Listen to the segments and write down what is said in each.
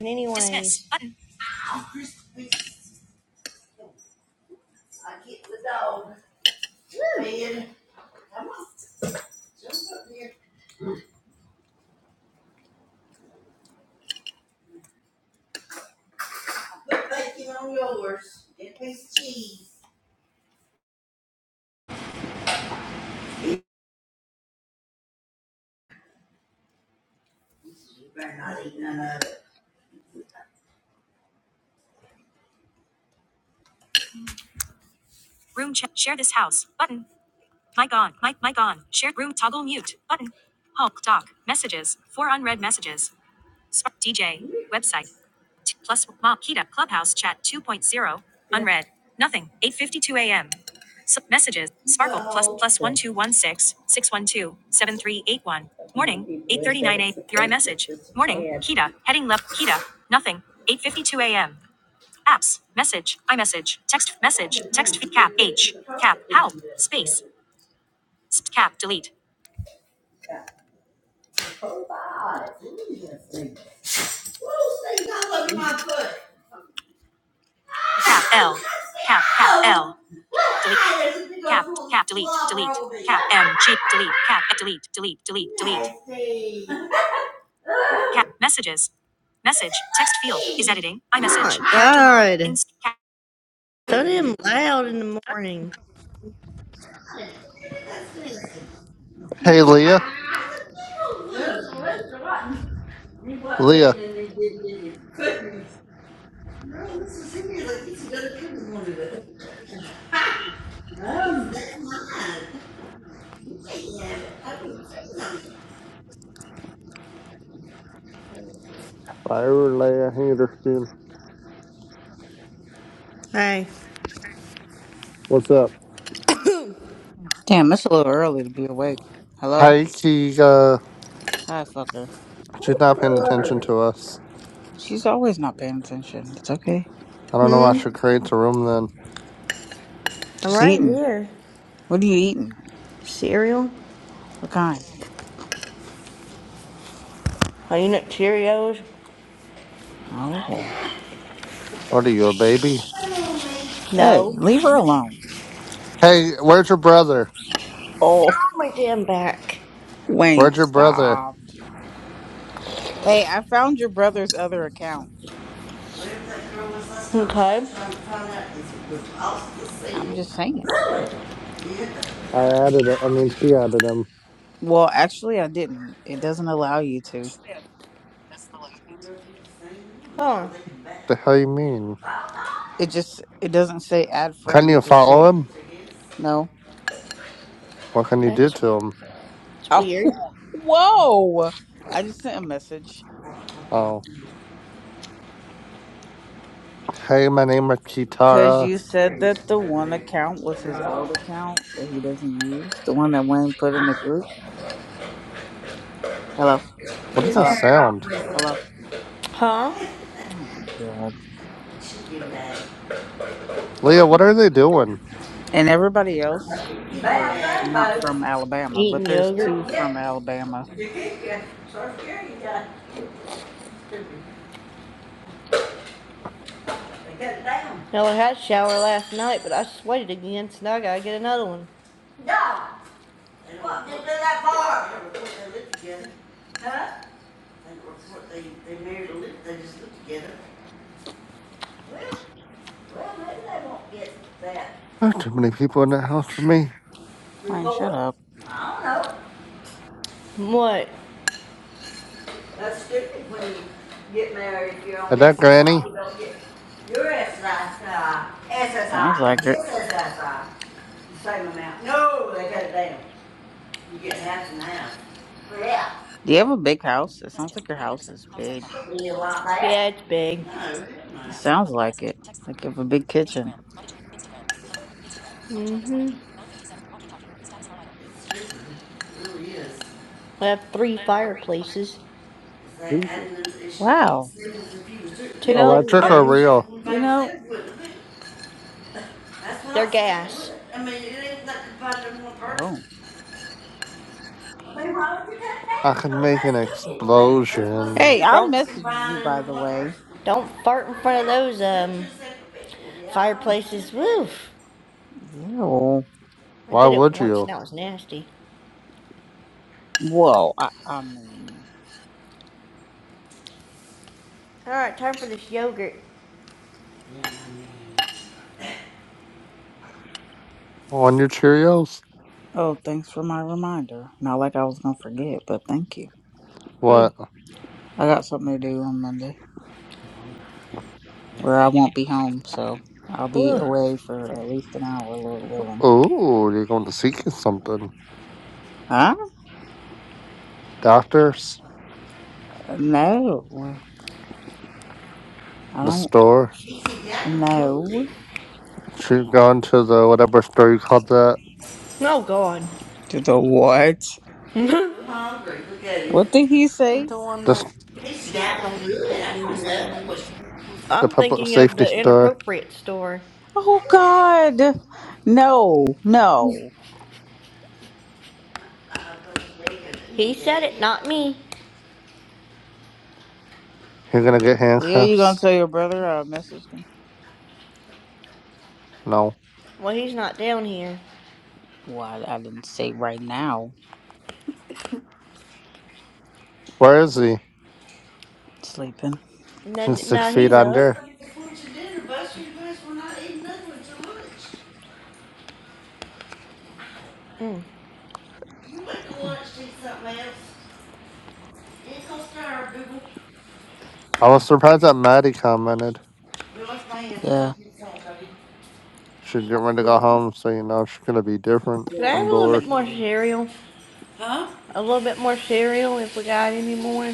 Anyway. Dismiss button. I get the dog. Come here. Come on. Jump up here. Put bacon on yours. And piece of cheese. Room check. Share this house. Button. Mic on. Mic. Mic on. Share. Room. Toggle mute. Button. Hulk. Doc. Messages. Four unread messages. Sp- DJ. Website. T- plus Mob Kita. Clubhouse chat 2.0. Unread. Nothing. 8.52 a.m. S- messages. Sparkle. Plus plus Plus Plus 1216 612 7381 Morning. 8.39 a.m. Your iMessage. Morning. Kita. Heading left. Kita. Nothing. 8.52 a.m. Apps. Message. iMessage. Text. Message. Text. feed, Cap. H. Cap. Help. Space. Sp- cap. Delete. Cap L. Cap cap L. Delete. Cap cap delete delete. Cap M G delete cap eh, delete delete delete delete. Cap messages. Message text field is editing. I message. Oh My God. Inst. Cap. So damn loud in the morning. Hey, Leah. Leah. Tyra Leah Henderson. Hey. What's up? Damn, it's a little early to be awake. Hello? Hey, she, uh, Hi, fucker. she's not paying attention to us. She's always not paying attention. It's okay. I don't know why Hmm? she creates a room then. I'm She's right eating. here. What are you eating? Cereal? What kind? Are you not Cheerios? Oh. What are you, a baby? Hey, No. leave her alone. Hey, where's your brother? Oh. Oh, my damn back. Wayne, Where's your brother? stop. Hey, I found your brother's other account. Okay. I'm just saying. I added, a, I mean, she added him. Well, actually, I didn't. It doesn't allow you to. Oh. The hell you mean? It just, it doesn't say add Can friend. you It just follow say, him? no. What can you do That's, to him? that's Oh, weird. whoa. I just sent a message. Oh. Hey, my name is Cause Kitara. you said that the one account was his old account that he doesn't use, the one that Wayne put in the group. Hello, What is that hello, sound? hello. Huh? Oh my god! Leah, what are they doing? And everybody else were not from Alabama, but Eating there's two yogurt. do from Alabama. I had a shower last night, but I sweated again, so now I gotta get another one. Yeah, Well, just do that bar. They were They lived together. Huh? They were They, they married a lived, they just lived together. Well, well, maybe they won't get that. There are too many people in that house for me. Wayne, shut Report. up. I don't know. What? That's stupid when you get married, if you're on Is that this side, Granny? you don't get your SSI, Sounds and like it. this SSI, the same amount. No, they cut it down. You get half and half. Well, Yeah, Do you have a big house? It sounds like your house is big. you like that. Yeah, it's big. No, it It sounds like it. Like you have a big kitchen. isn't no. hmm It's really We have three fireplaces, like Jesus. Wow. really You two know. living Electric i or rooms. real? you know. They're gas. I mean, it ain't like combined in one Oh. person. But why would you cut I that? can Because make an that's cooking on that. That's what I'm explosion. saying. Hey, That's I Don't- messaged you combined by into the one way. person. Don't fart in front of those um yeah. fireplaces. Woof! Ew. I Why did it would once you? and that was nasty. Whoa, I, I mean, All right, time for this yogurt. On your Cheerios? oh, thanks for my reminder. Not like I was gonna forget, but thank you. What? I got something to do on Monday where I won't be home, so I'll be Ooh. away for at least an hour, Lord willing. Oh, you're going to seek something. Huh? Doctors? No, I The don't store? He's exactly know. good. You're going to the whatever store you called that? Oh, God. To the what? I'm Hungry. Look at him. What did he say? The one This, that He's she like exactly good. that I Lee don't was talking know about yesterday, I think. the I'm public thinking of safety the store? inappropriate store. Oh God, no, no, He said it, not me. You're going to get Leo, you gonna handcuffs? tell your brother I messaged him? No. Well, he's not down here. Well, I, I didn't say right now. Where is he? Sleeping. And He's then, six no, feet he's up. under. Before it's your dinner, Buster, you guys will not eat nothing with your lunch. Mm. You went to lunch, did something else. It's gonna stir, boo. I was surprised that Maddie commented. We lost my hands. It's like Yeah. you saw, buddy. She's get ready to go home, so you know she's going to be different. Could I have I'm a little bit bored. more cereal? Huh? A little bit more cereal if we got any more.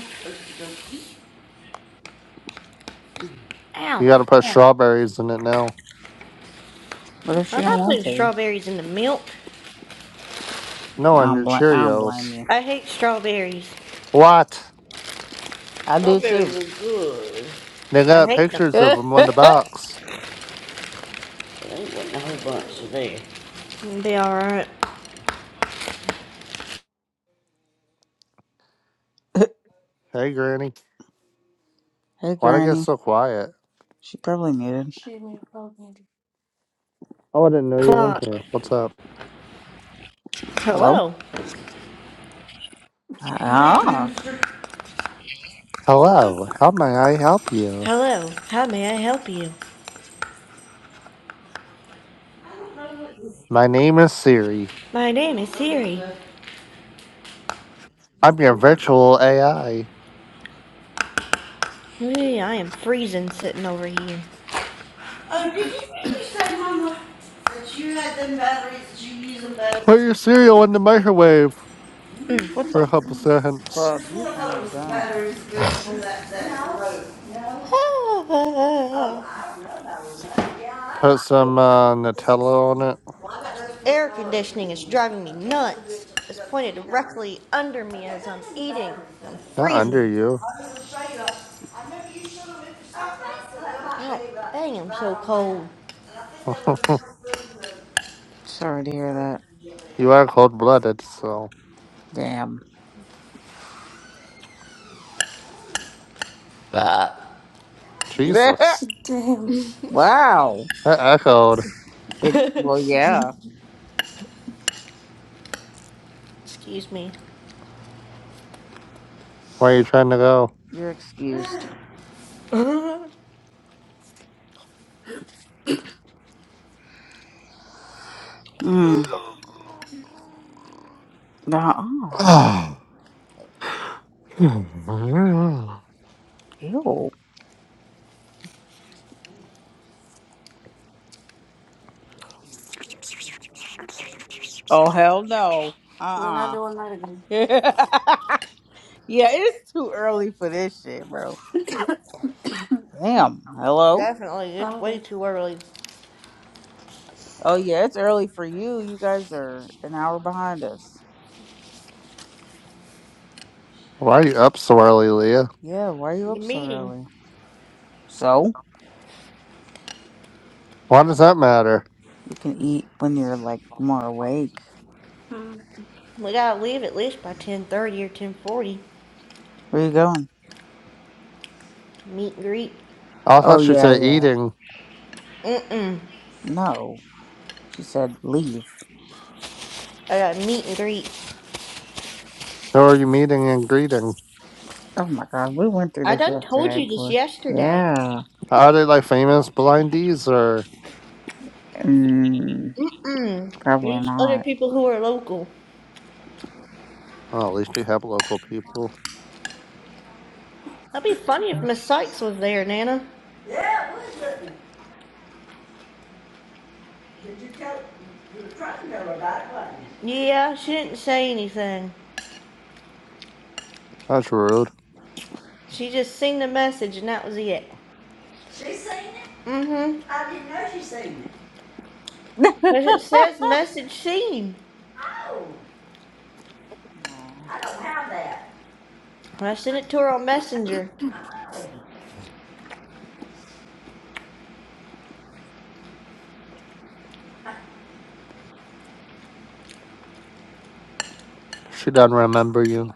Ow. You got to put strawberries in it now. What if she I'm don't not want putting to? strawberries in the milk. No, on I don't your blame. I don't Cheerios. blame you. I hate strawberries. What? I do too. Strawberries are good. They I got hate them. pictures of hey, them on the box. It'll Be alright. Hey, Granny. Why'd I get Granny. so quiet? She probably muted. She made fun of me. Oh, I didn't know you were in Clock. here. What's up? Hello. Hello. Ah, Hello. How may I help you? Hello. How may I help you? My name is Siri. My name is Siri. I'm your virtual AI. Hey, I am freezing sitting over here. Oh, did you really say, Mama, that you had them batteries, that you use them Put batteries? your cereal in the microwave what for the a couple seconds. I fuck? You thought it sound was the dumb. batteries good Mhm. for that, that road. Put some uh, Nutella on it. Air conditioning is driving me nuts. It's pointed directly under me as I'm eating. I'm Not under freezing. you. God dang, I'm so cold. Sorry to hear that. you are cold blooded, so. Damn. That. Jesus. Damn. wow. That echoed. It. Well, yeah. Excuse me. Where are you trying to go? You're excused. Mm. Uh oh. Oh, Mm-hmm. Ew. Oh hell no. We're not Uh uh doing that again. yeah, it's too early for this shit, bro. Damn. Hello. Definitely, it's I'm way good. too early. Oh yeah, it's early for you. You guys are an hour behind us. Why are you up so early, Leah? Yeah, why are you The up so meeting. early? So Why does that matter? you can eat when you're like more awake. Mm. We gotta leave at least by 10.30 or 10.40. Where you going? Meet and greet. I Oh thought she yeah, said yeah. eating. Mm-mm. No, she said leave. I got meet and greet. Who are you meeting and greeting? Oh my god, we went through I this done told yesterday, you this boy. yesterday. Yeah. Are they like famous blindies or? Mm, Mm, probably these other not. people who are local. Oh, at least you have local people. That'd be funny if Miss Sykes was there, Nana. Yeah, it was it? Did you tell, you were trying to tell about it, wasn't you? Yeah, she didn't say anything. That's rude. She just seen the message and that was it. She seen it? Mm-hmm. I didn't know she seen it. Because it says message seen. Oh, When I sent it to her on Messenger. She doesn't remember you.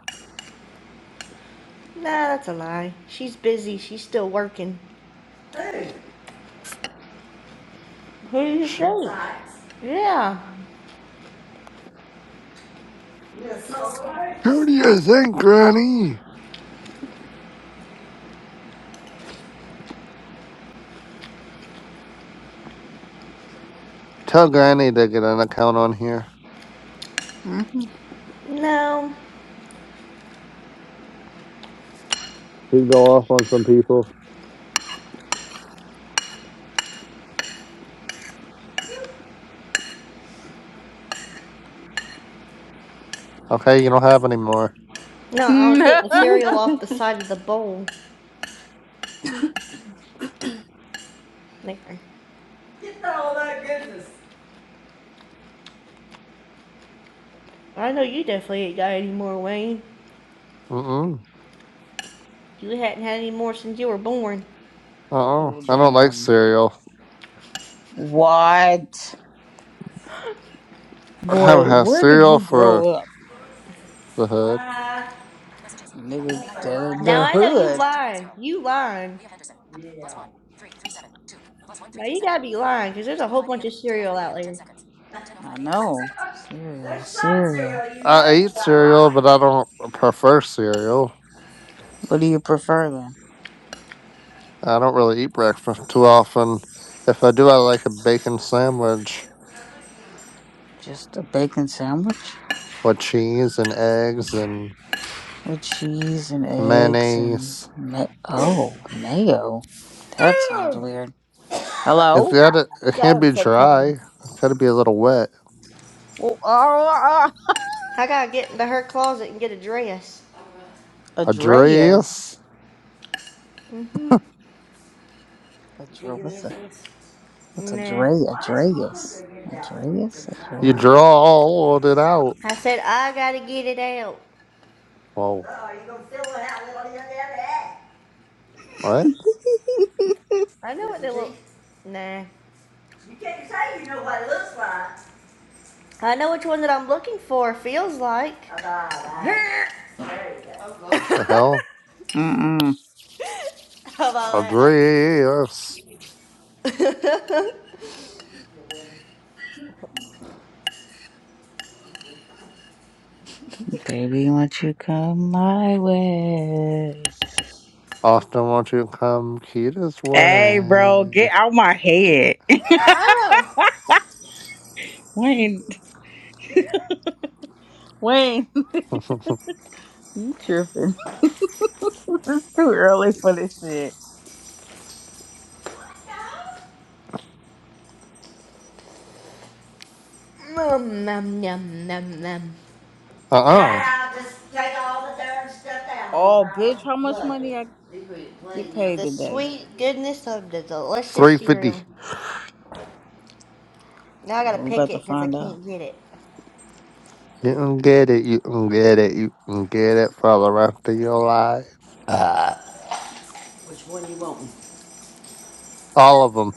Nah, that's a lie. She's busy. She's still working. Who do you Sh think? Yeah. Who do you think, Granny? Tell Granny to get an account on here. hmm No. She would go off on some people. Okay, you don't have any more. No, I was getting cereal off the side of the bowl. There. Get all that goodness. I know you definitely ain't got any more, Wayne. Mm-mm. You hadn't had any more since you were born. Uh-uh. oh I don't like damn. cereal. What? I haven't Boy, had where did cereal you grow for up? the hood. Nigga, the, I Now the I know you hood. lying. You lying. Now you gotta be lying, cause there's a whole bunch of cereal out there. I know. There's Cereal, some cereal. cereal you I know eat you got a lot. cereal, but I don't prefer cereal. What do you prefer then? I don't really eat breakfast too often. If I do, I like a bacon sandwich Just a bacon sandwich with cheese and eggs and with cheese and eggs and mayonnaise. ma- oh, mayo. That sounds weird. It's Hello? gotta, it can't be dry. It's gotta be a little wet. Well, uh, I gotta get into her closet and get a dress. A dress? Andreas. Mm-hmm. Did you Adre- give me what's a things? what's Nah. Adre Why is mama Andreas? gonna get it out for you? Andreas? Cause mine You not. Andreas. drawled it out. I said I gotta get it out. Whoa, Oh, you gonna fill it out with all the other ass? what I know what they look. Nah. You can't say you know what it looks like. I know which one that I'm looking for feels like. Oh, all right. How about that? There you go. the hell? Mm-mm. How A about dress. that? Baby, won't you come my way? Often won't you come Kita's Hey, bro, way? get out my head. oh. Wayne, Wayne. uh You tripping. it's too early for this shit. Nom, nom, nom, nom, nom. uh-uh. Yeah, I'll just take all the darn stuffed animals Oh, out bitch, of how the much money budget. I get paid The today? sweet goodness of the delicious 350 cereal. Now I gotta Well, we pick about to it because I find out. can't get it. You can get it. You can get it. You can get it for the rest of your life. Uh. Which one you want? All of them.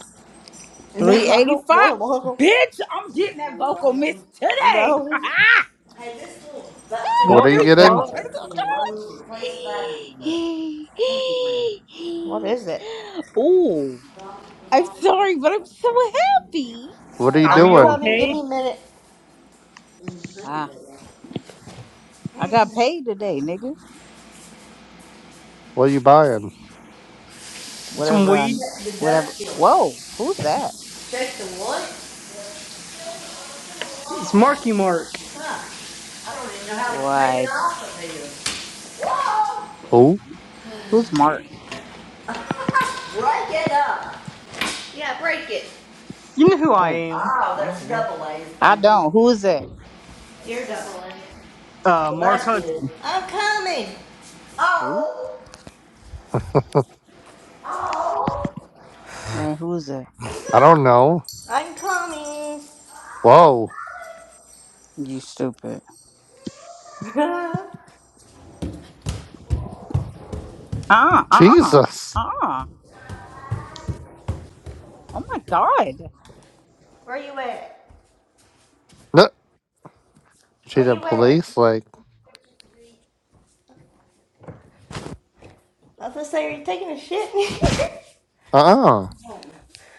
No, I don't 385 want them all. Bitch, I'm You getting that vocal want them? mix today. No. Hey, this little that thing What uh, are What you the Where's getting? fuck? Johnson? Where's from the road Josh? replaced battery in there. Thank you, What is it? Ooh. I'm sorry, but I'm so happy. What are you Are I'm we doing? coming. Give okay? me a minute. Mm, Thank Ah, I got paid today, nigga. What are you buying? Some Whatever I weed? Check the whatever. dust filter. Whoa, who's that? Check the what? It's Marky Mark. Huh. I don't even know how to take it What? off of here. Who? Who's Mark? Break it up. Yeah, break it. You know who I Whoa, am. Oh, whoa, that's whoa. double A's, I thank you. don't. Who's that? You're double. Uh, But Mark that's Hudson. good. I'm coming. Who? Oh! Wait, who's that? I don't know. I'm coming. Whoa. You stupid. Uh uh uh Jesus. uh. Oh my god. Where you at? No. She Where the you at? police. Like, I was gonna say, are you taking a shit? uh uh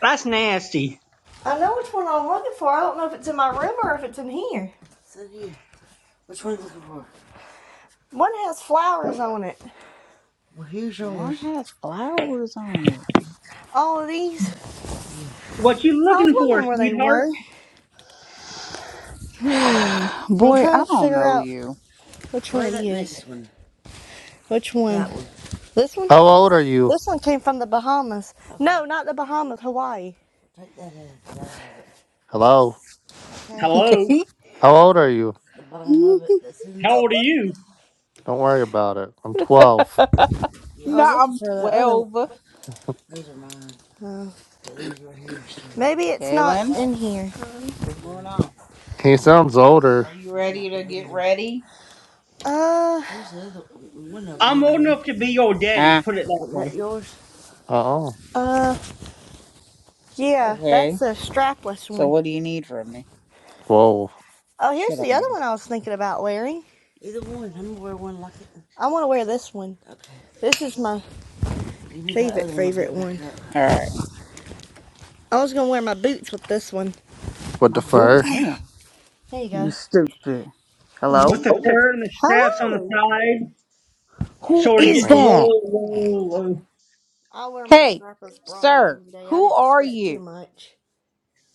That's nasty. I know which one I'm looking for. I don't know if it's in my room or if it's in here. It's in here. Which one are you looking for? One has flowers on it. Well, here's yours. One has flowers on it. All of these. What you I was looking for, wondering where they sweetheart? were. Hmm. I'm Boy, trying I to don't figure know out you. which one Where's it that is. one? Which one? one. This one? How old are you? This one came from the Bahamas. Okay. No, not the Bahamas, Hawaii. Take that out. Hello. Okay. Hello. How old are you? The bottom of it that's in it. How old are you? Don't worry about it. I'm 12. Yeah. I Yeah. was no, looking I'm for the other 12. Those are mine. Oh. But these right here are still. Maybe it's not Kaylin, in here. what's going on? He sounds older. Are you Might ready not be to in get there. ready? Uh, There's the other one of them I'm on old you. enough to be your daddy, Ah, put it that Wasn't that way. yours? Uh oh uh, yeah, that's okay. the strapless So one. what do you need from me? Whoa. Oh, here's Shut up, the other nigga. one I was thinking about wearing. Either one. I'm gonna wear one like it. I want to wear this one. This is my favorite, favorite like one. All right. I was going to wear my boots with this one. What My the boot, fur? damn. There you You go. stupid. With Hello? the fur and the straps on the Hello. side, Who sort of is getting What? that? low, low, low. I'll wear my Hey, strapless bra sir, again today. I who didn't are sweat too you? much.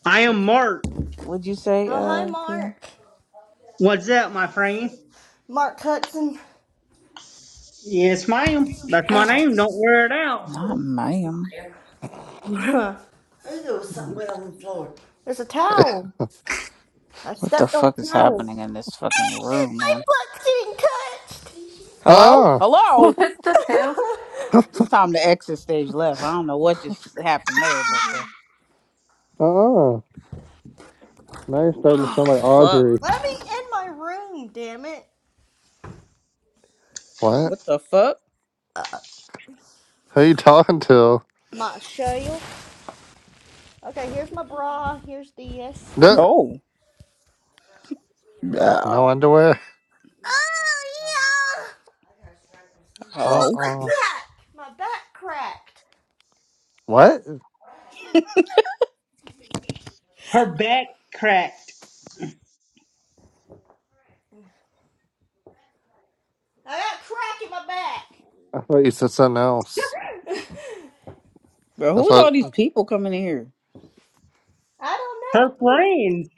I Would, am Mark. would you say, Oh, hi, uh, Kayla? Mark. What's up, my friend? Mark Hudson. Yes, ma'am. That's my Ow. name. Don't wear it out. not ma'am. I Oh, there was something Oh, wet g- on the floor. There's a towel. I What the stepped on fuck a is towel. happening in this fucking room, my man? butt's getting Hello? touched. Uh uh. what Hello? the hell? It's Uh time to exit stage left. I don't know what just happened there, but uh, Mhm. uh. Now you're starting to oh sound like fuck, Audrey. Let me man. in my room, damn it. What? What the fuck? Who you talking to? My show you. Okay, here's my bra. Here's this. No, Oh, yeah. no underwear. Oh yeah. Uh Hello. My uh Back. My back cracked. What? Her back cracked. I got a crack in my back. I thought you said something else. Bro, I who's all thought, these people coming in here? I don't Her know. Who friends.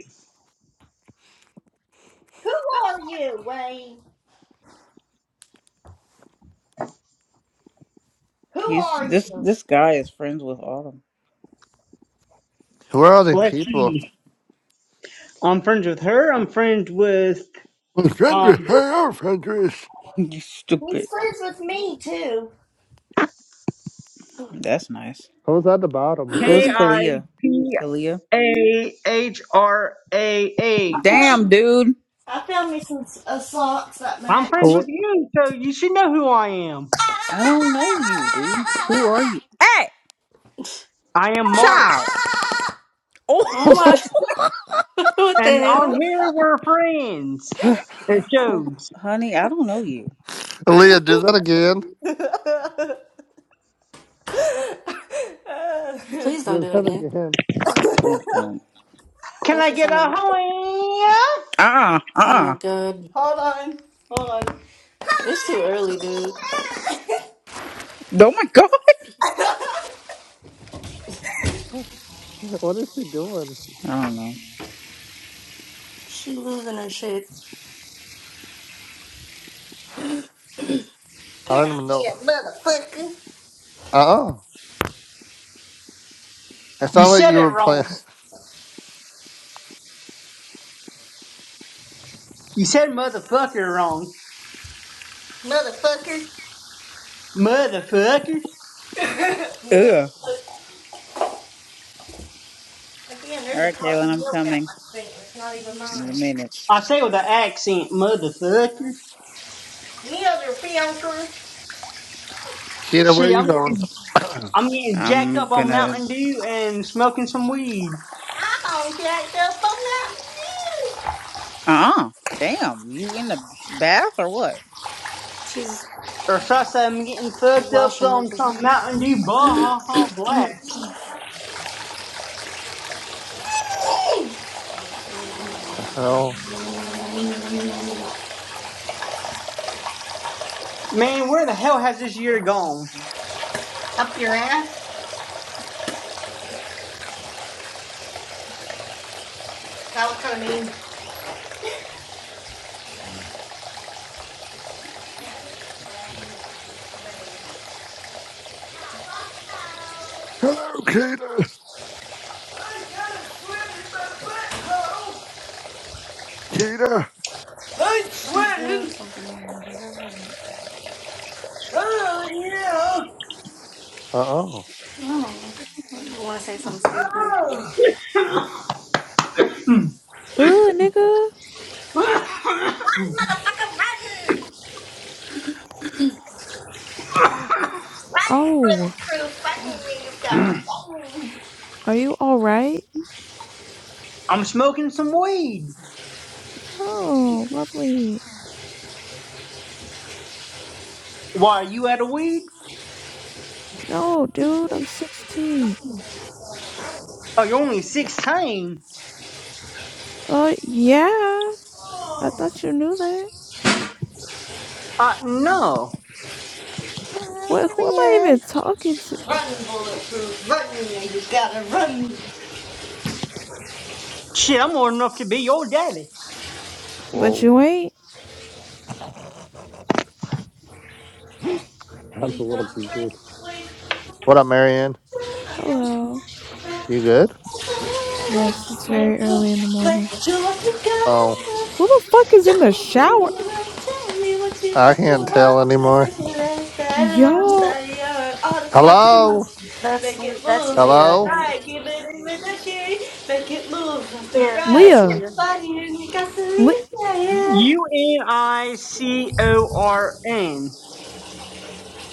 who are you, Wayne? Who He's are this you? this guy is friends with Autumn. who are all these Let's people? see. I'm friends with her. I'm friends with I'm trying um to hang you He's stupid. friends with me too. That's nice. at the bottom. K Who's I Kalia? P Kalia? A H R A H. Damn, dude. I found me some uh, socks that I'm match. friends Oh, with you, so you should know who I am. I don't know you, dude. Who are you? Hey! I am Mark, Child. Oh. oh what- my what the and on hell? here we're friends. It Well, shows. honey, I don't know you. Leah, do that again. Please don't Do do it that again. again. Yeah, please don't. Can That I shit get sounded a weird. hoya? uh-uh. Oh my Uh-uh. god. Hold on. Hold on. It's too early, dude. Oh my god. What is he doing? I don't know. She losing her shit. I Can don't I even know. get it, motherfucker? Uh uh It You sounded like said you it were playing. wrong. You said motherfucker wrong. Motherfucker. Motherfucker. Ugh. Again, All there's a right, Kaylin, carton of I'm milk at coming my feet. It's not even Mhm. in a mine. minute. I say it with an accent, motherfucker. Kita, where are Shit, you going? I'm the I'm getting jacked I'm up on gonna. Mountain Dew and smoking some weed. Back up. Uh-uh. Damn. You in the sh- bath or what? She's Or should I say I'm getting fucked up washing up on or some something. Mountain Dew Baja Blast. hell? Man, where the hell has this year gone? Hello, Kita. Kita. I'm She's doing sweating. something waiting. Give her a I Oh, yeah. Uh oh. don't know. You want to say something stupid? Ugh, nigga. Run, you Oh, bulletproof. Damn. Run, you got are you all right? I'm smoking some weed. Oh, lovely. Why, are you out of weed? No, dude, I'm 16. Oh, you're only 16? Uh, yeah. I thought you knew that. Uh, no. Hello, What? Who am I Marianne. even talking to? to run. You got to run. Shit, I'm old enough to be your daddy. But Whoa. you ain't. That's a little freaky. What up, Marianne? Hello. You good? Yes, it's very early in the morning. Oh, Who the fuck is in the shower? Tell me what you I want, you can't tell want, anymore. everything that's bad, and I'll Yo, tell you all the stuff that Hello? must That's make Le- it that's move left to Leah, I Hello? think. right, give it in with the key, make it move left to Yeah, right, that's Leah. get the Leah. body and you got to Li- leave, yeah, yeah. U-N-I-C-O-R-N.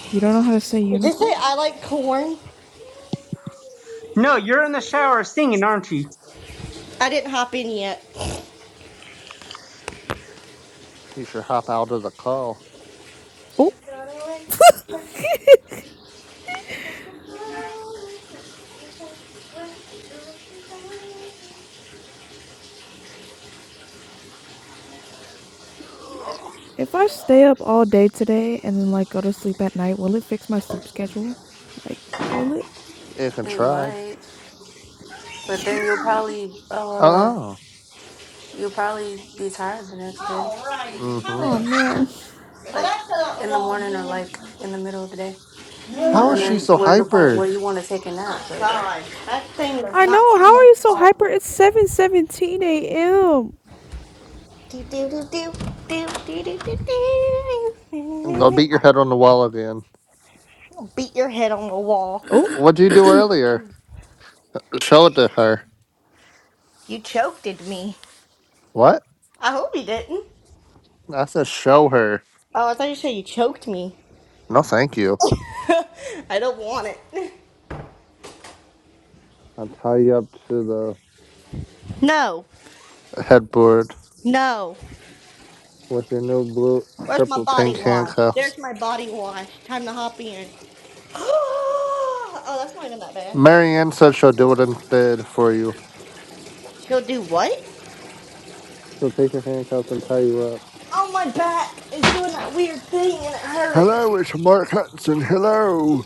you don't know how to say Did you say unicorn? I like corn? No, you're in the shower singing, aren't you? I didn't hop in yet. You should hop out of the call. Oh, if I stay up all day today and then like go to sleep at night, will it fix my sleep schedule? Like, will it? You can It try. might, but Yeah, then I you'll don't know. probably uh Oh. you'll probably be tired the next day, Mm-hmm. Oh man. like in the morning or like in the middle of the day, How Mm. is and she then so where the point where hyper? you want to take a nap, but. I know. How are you so hyper? It's 7:17 a.m. Do, do, do, do, do, do, do, do, Go do. beat your head on the wall again. beat your head on the wall. Oh, What'd you do earlier? Show it to her. You choked at me. What? I hope you didn't. I said show her. Oh, I thought you said you choked me. No, thank you. I don't want it. I'll tie you up to No, the headboard no. with your new blue, Where's my purple, body pink wash? handcuffs. There's my body wash. Time to hop in. oh, that's not even that bad. Marianne said she'll do it instead for you. Go do what? So take your handcuffs and tie you up. Oh, my back is doing that weird thing and it hurts. Hello, it's Mark Hudson. Hello.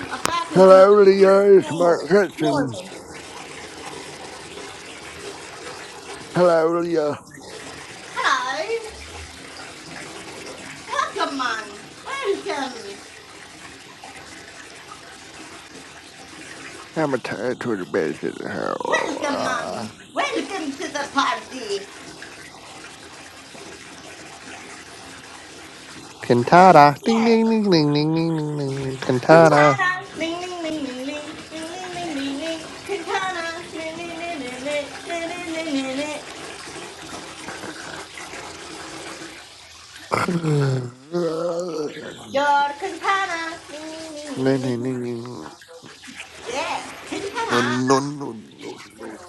My back is doing that Hello, weird Leah. thing It's and Mark it's killing Hudson. me. Hello, Leah. I'm a tired to the basic. Uh, Cantata. Ding ding ding ding ding ding ding ding. ding. Cantata. Ding, ding, ding, ding, ding.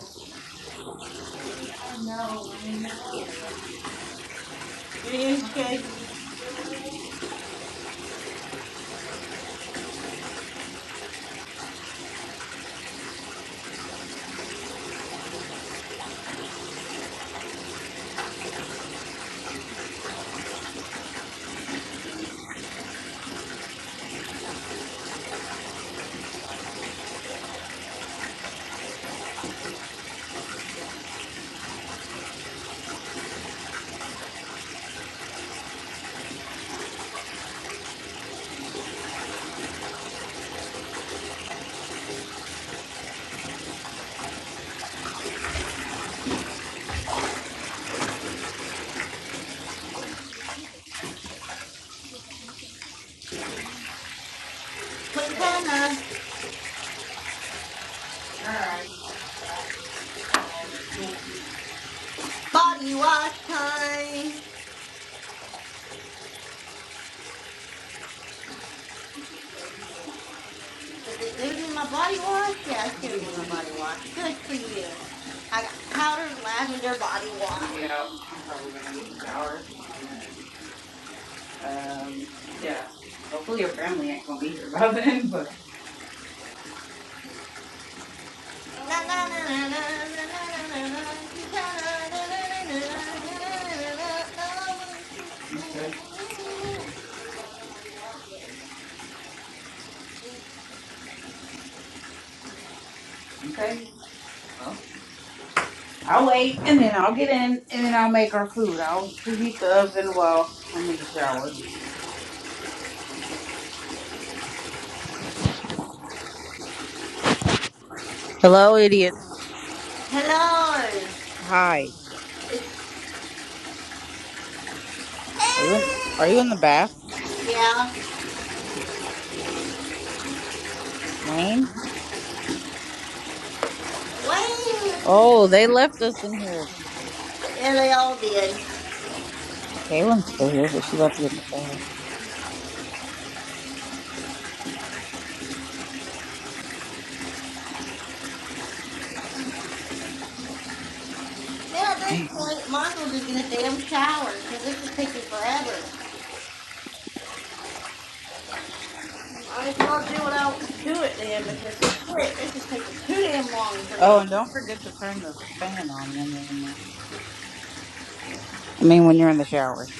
Quintana, body wash time. Did they do my body wash? Yeah, I still You want do to my body eat? wash. Good for you. I got powdered lavender body wash. You get out. I'm probably gonna get in the shower, and then. Um, yeah. Hopefully your family ain't gonna be here by then, but okay, okay. Well, I'll wait and then I'll get in and then I'll make our food. I'll preheat the oven while I'm in the shower. Hello, idiots. Hi. Are you in, are you in the bath? Oh, Wayne. Oh, they left us in here. Kaylin's still here, but she about to get in the shower. Damn. I Oh, and don't forget to turn the fan on when you're in there. I mean, when you're in the shower.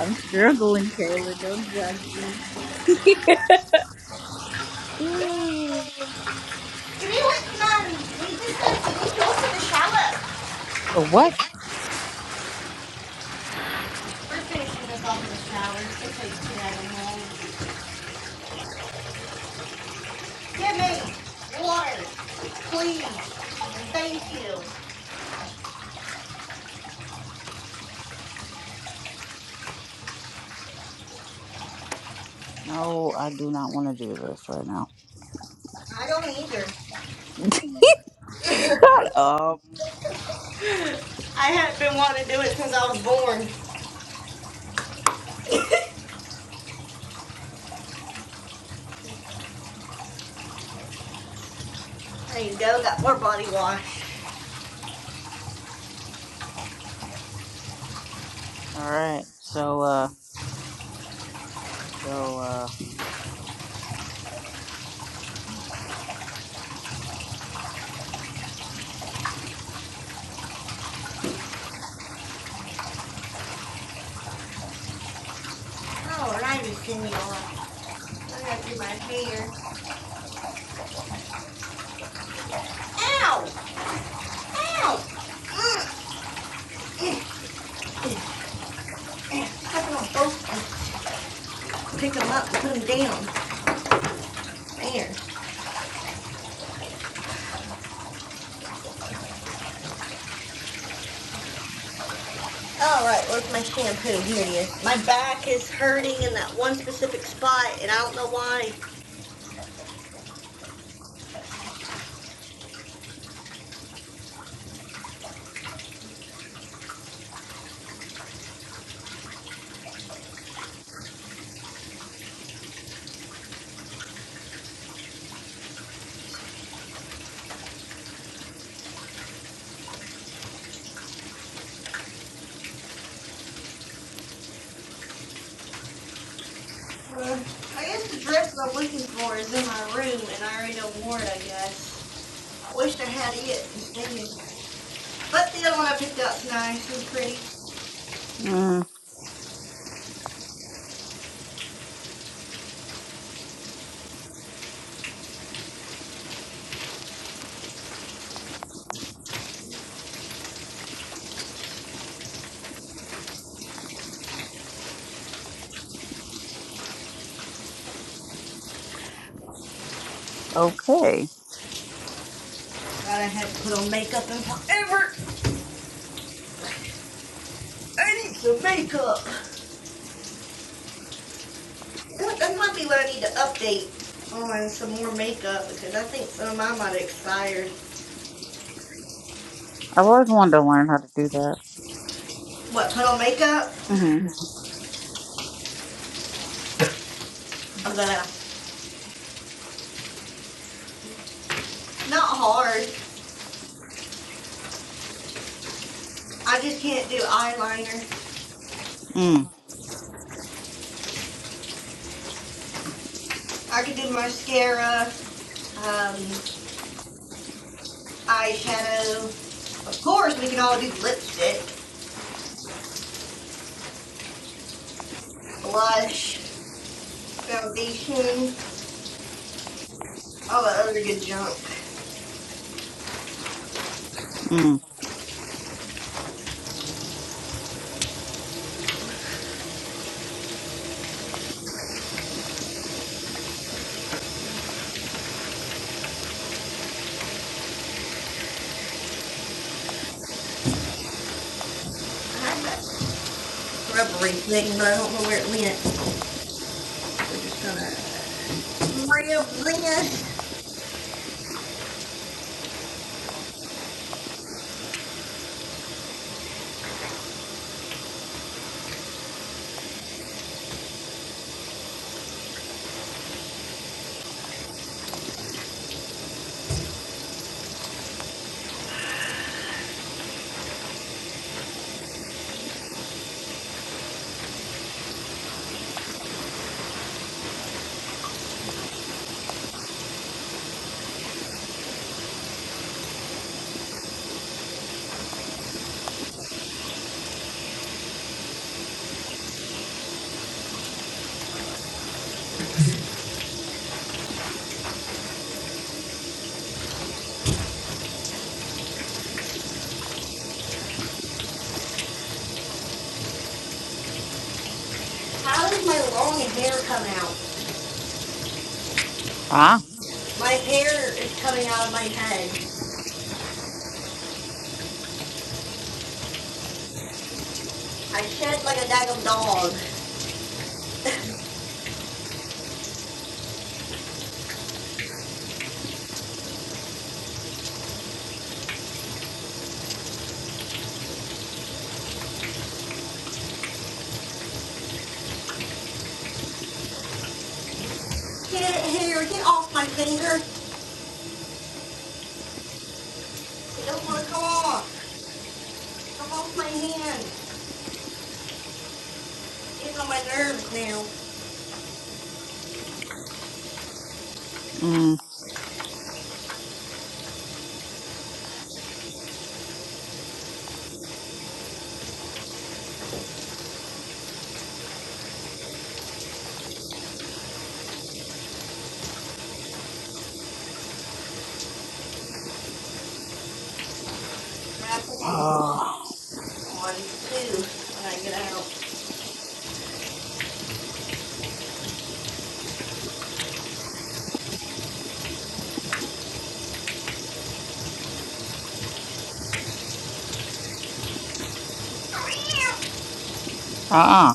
I'm struggling, Kayla. Don't judge me. Uh, what? No, I do not want to do this right now. don't either. Shut up. All I haven't been wanting to do it since I was born. There you go, got more body wash. right. So, uh, so, uh, Oh, and I just didn't even want to do my hair. Ow! Ow! Mm, mm, mm. Pick them up and put them down. There. All right, where's my shampoo? Here it is. My back is hurting in that one specific spot, and I don't know why. I guess the dress that I'm looking for is in my room and I already know wore it, I guess. I wished I had it. Dang. But the other one I picked out's nice and pretty. mm, okay. God, I haven't put on makeup in forever. I need some makeup. That, might be what I need to update on some more makeup because I think some of mine might have expired. I've always wanted to learn how to do that. What, put on makeup? Mm-hmm. I'm gonna. Not hard. I just can't do eyeliner. Mm, I can do mascara, um, eyeshadow. Of course, we can all do lipstick, blush, foundation, all the other good junk. mm. Rubbery thing, but I don't know where it went. Rib, Lena, Ah. get it here, get off my finger. It don't want to come off. My hand. Mm. Ah. Uh-uh.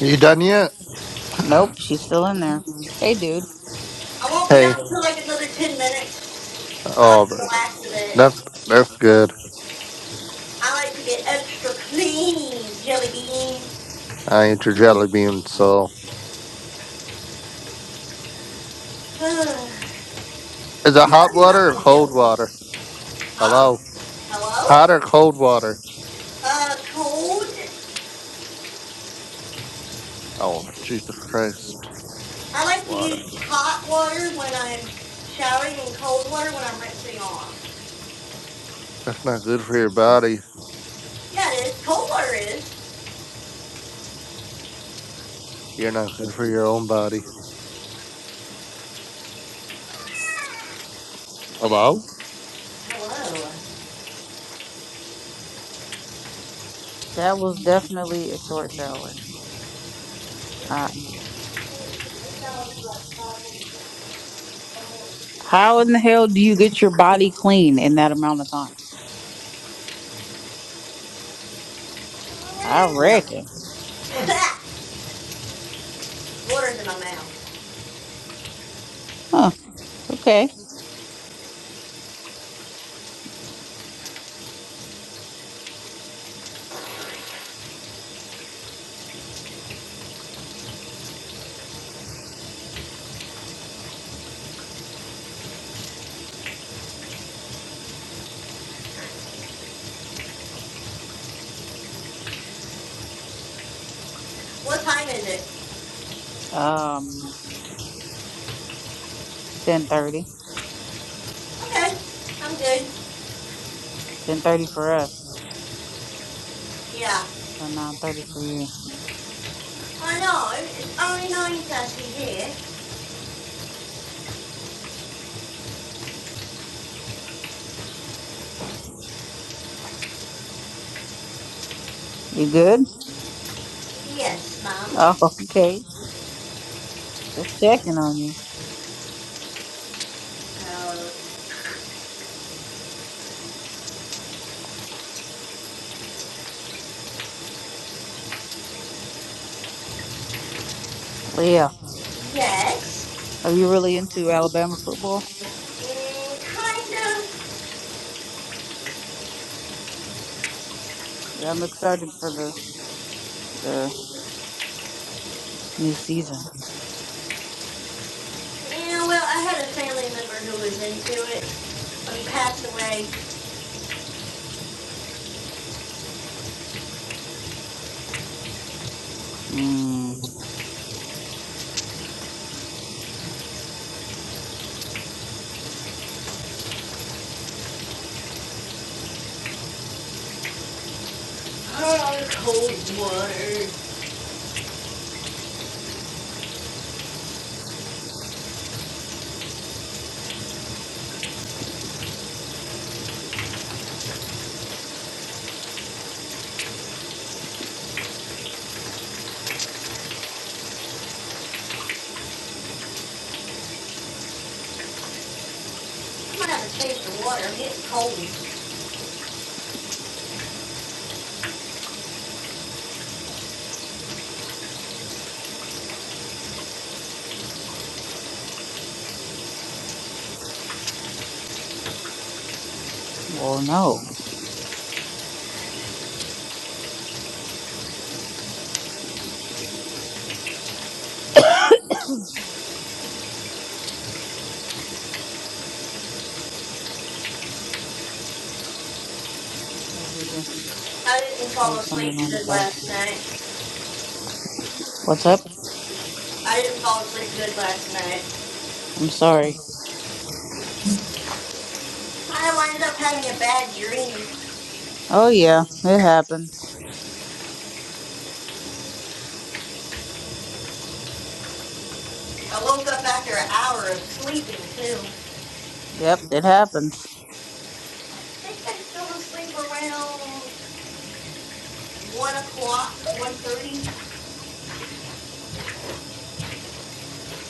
you done yet? Nope. She's still in there. Hey, dude. Yeah, Hey, i am oh, th- that that's good. I ate your jelly bean, so is it hot tell you water about or my cold jelly. water? Huh? Hello. Hello? Hot or cold water? Uh, cold. Oh, Jesus Christ. I like to Water. use hot water when I'm showering and cold water when I'm rinsing off. That's not good for your body. Yeah, it is. Cold water is. You're not good for your own body. Hello? That was definitely a short shower. How in the hell do you get your body clean in that amount of time? I reckon. Huh. Okay. What time is it? Um, 10.30. Okay, I'm good. 10.30 for us. Yeah. So 9.30 for you. I know, it's only 9.30 here. You good? Yes, mum. Oh, okay. Just checking on you. Uh, Leah, yes. are you really into Alabama football? Mm, kind of. Yeah, I'm excited for the, the new season. Yeah, well, I had a family member who was into it, but he passed away. Mm, I might have a taste of water. It's cold. well, no. Hey, Google. I didn't Play fall Sunday asleep good 95. last night. What's up? I didn't fall asleep good last night. I'm sorry. I ended up having a bad dream. Oh, yeah. It happens. I woke up after an hour of sleeping, too. Yep, it happens. I think I fell asleep around 1 o'clock, 1.30.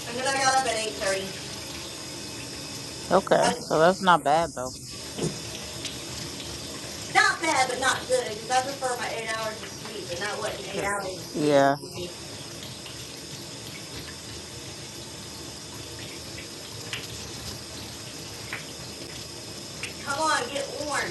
I mean, I got up at eight thirty. Okay, so that's not bad though. Not bad, but not good, because I prefer my eight hours of sleep, and not what eight Sure. hours of Yeah. sleep. Come on, get warm.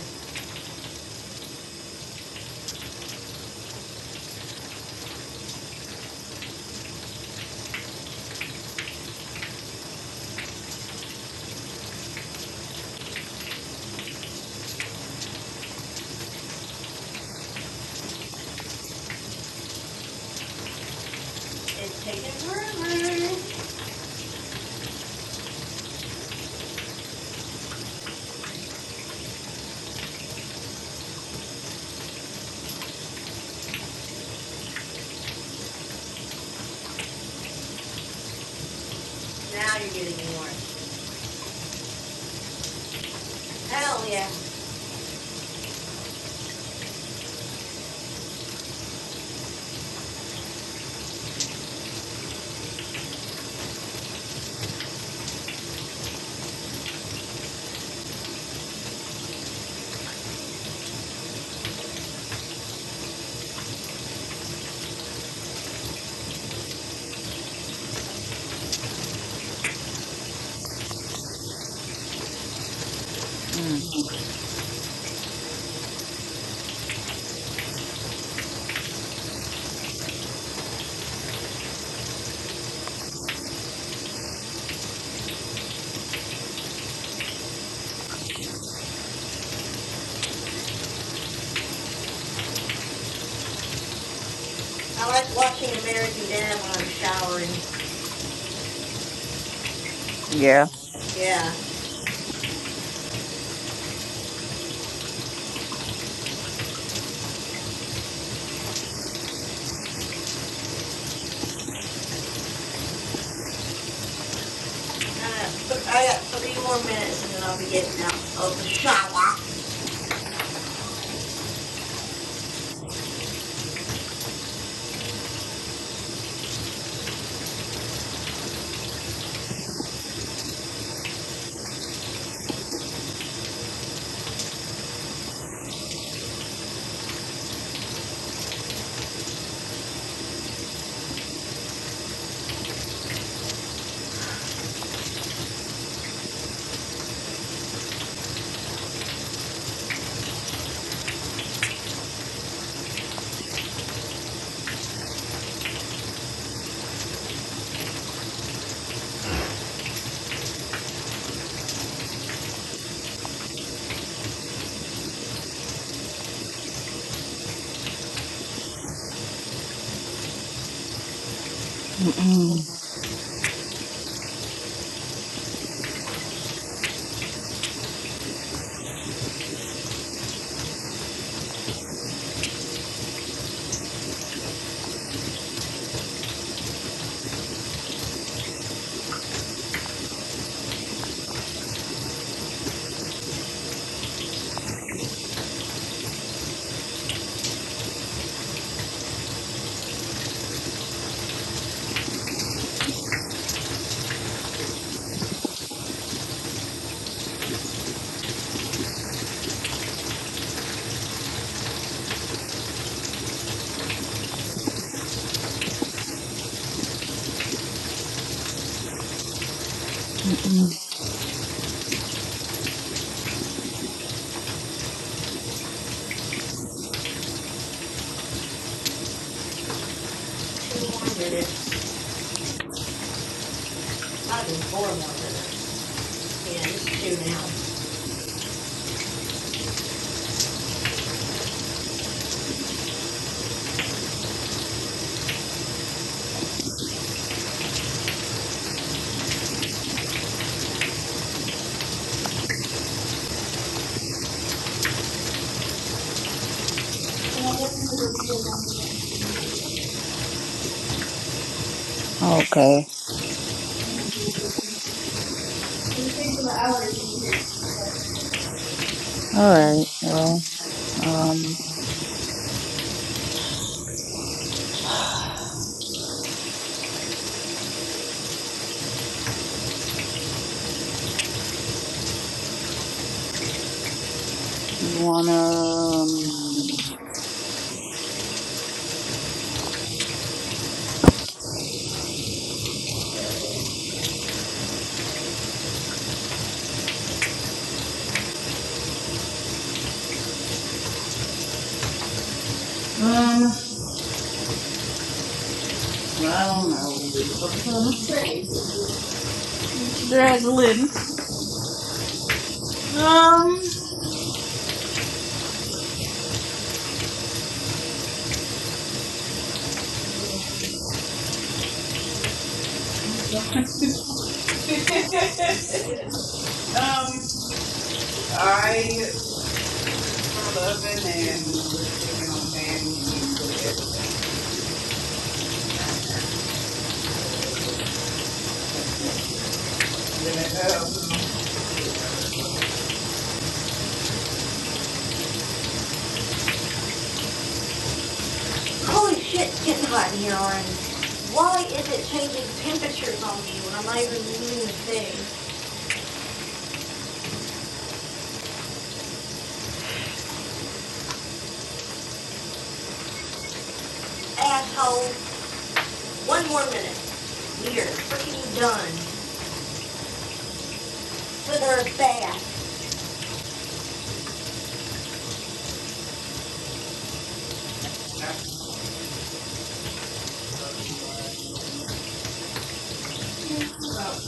It's taking forever. Now you're getting warm. Hell yeah. Mm. I like watching American Dad when I'm showering. Yeah. Yeah. Uh, I got three more minutes, and then I'll be getting out of the shower. Mm-mm. Mm-mm. Two more minutes. Not even four more minutes. Yeah, just two now. Okay. All right. Well, um, do you wanna? Um, um, well, I don't know. What I'm trying to say. I'm struggling. Um. uh, I'm sorry. um, if I turn the oven and put the chicken on the pan, can you put it in? Oh. holy shit, it's getting hot in here already. Why is it changing temperatures on me when I'm not even doing the thing? Asshole, one more minute. Weird. Freaking done. With her bath. Yeah. Well.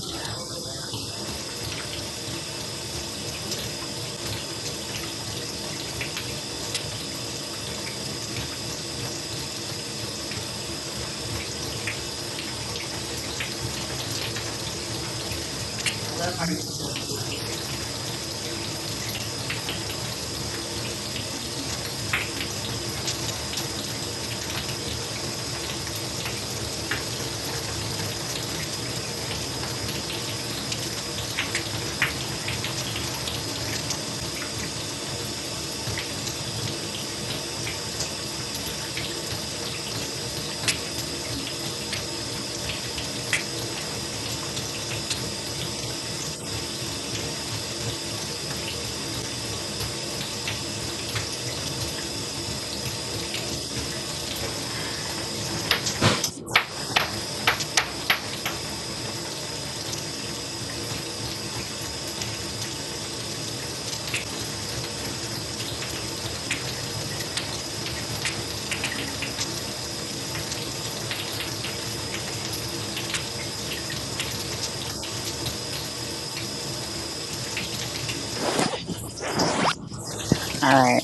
All right.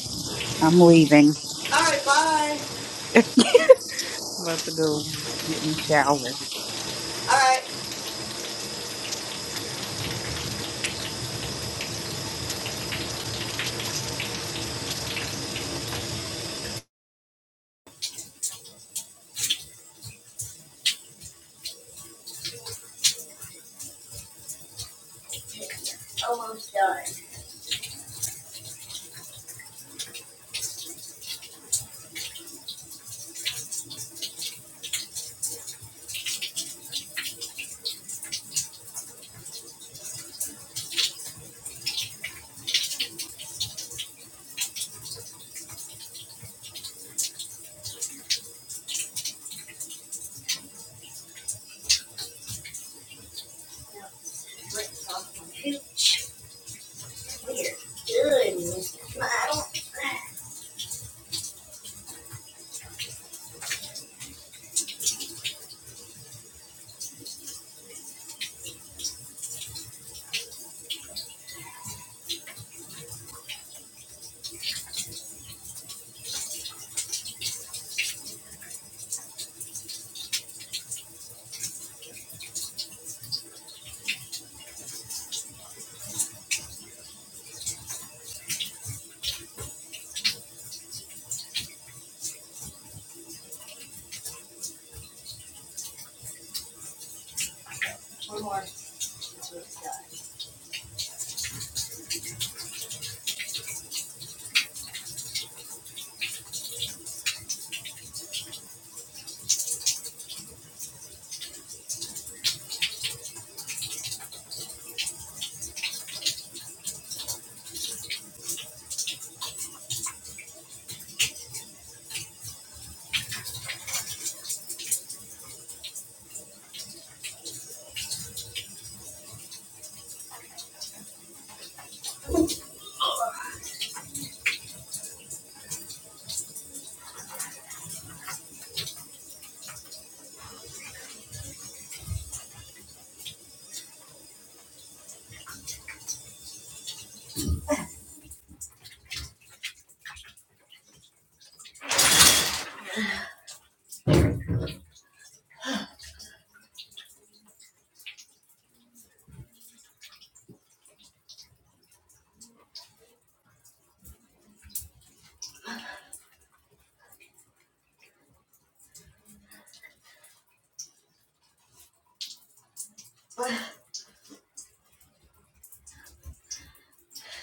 I'm leaving. Alright, bye. I'm about to go get in the shower. Almost.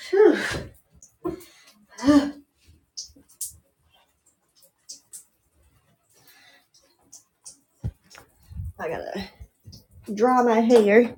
Whew, I gotta dry my hair.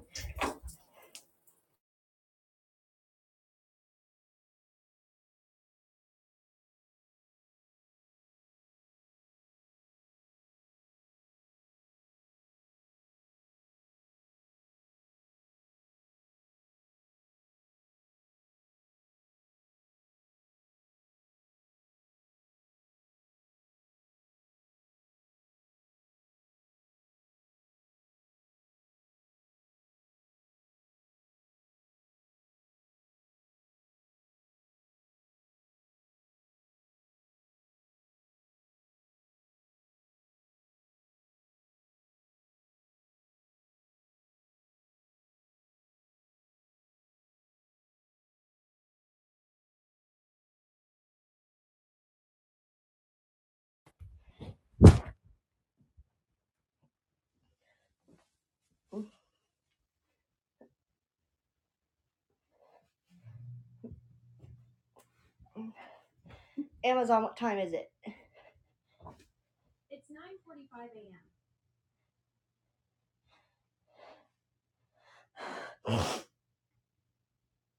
Amazon, what time is it?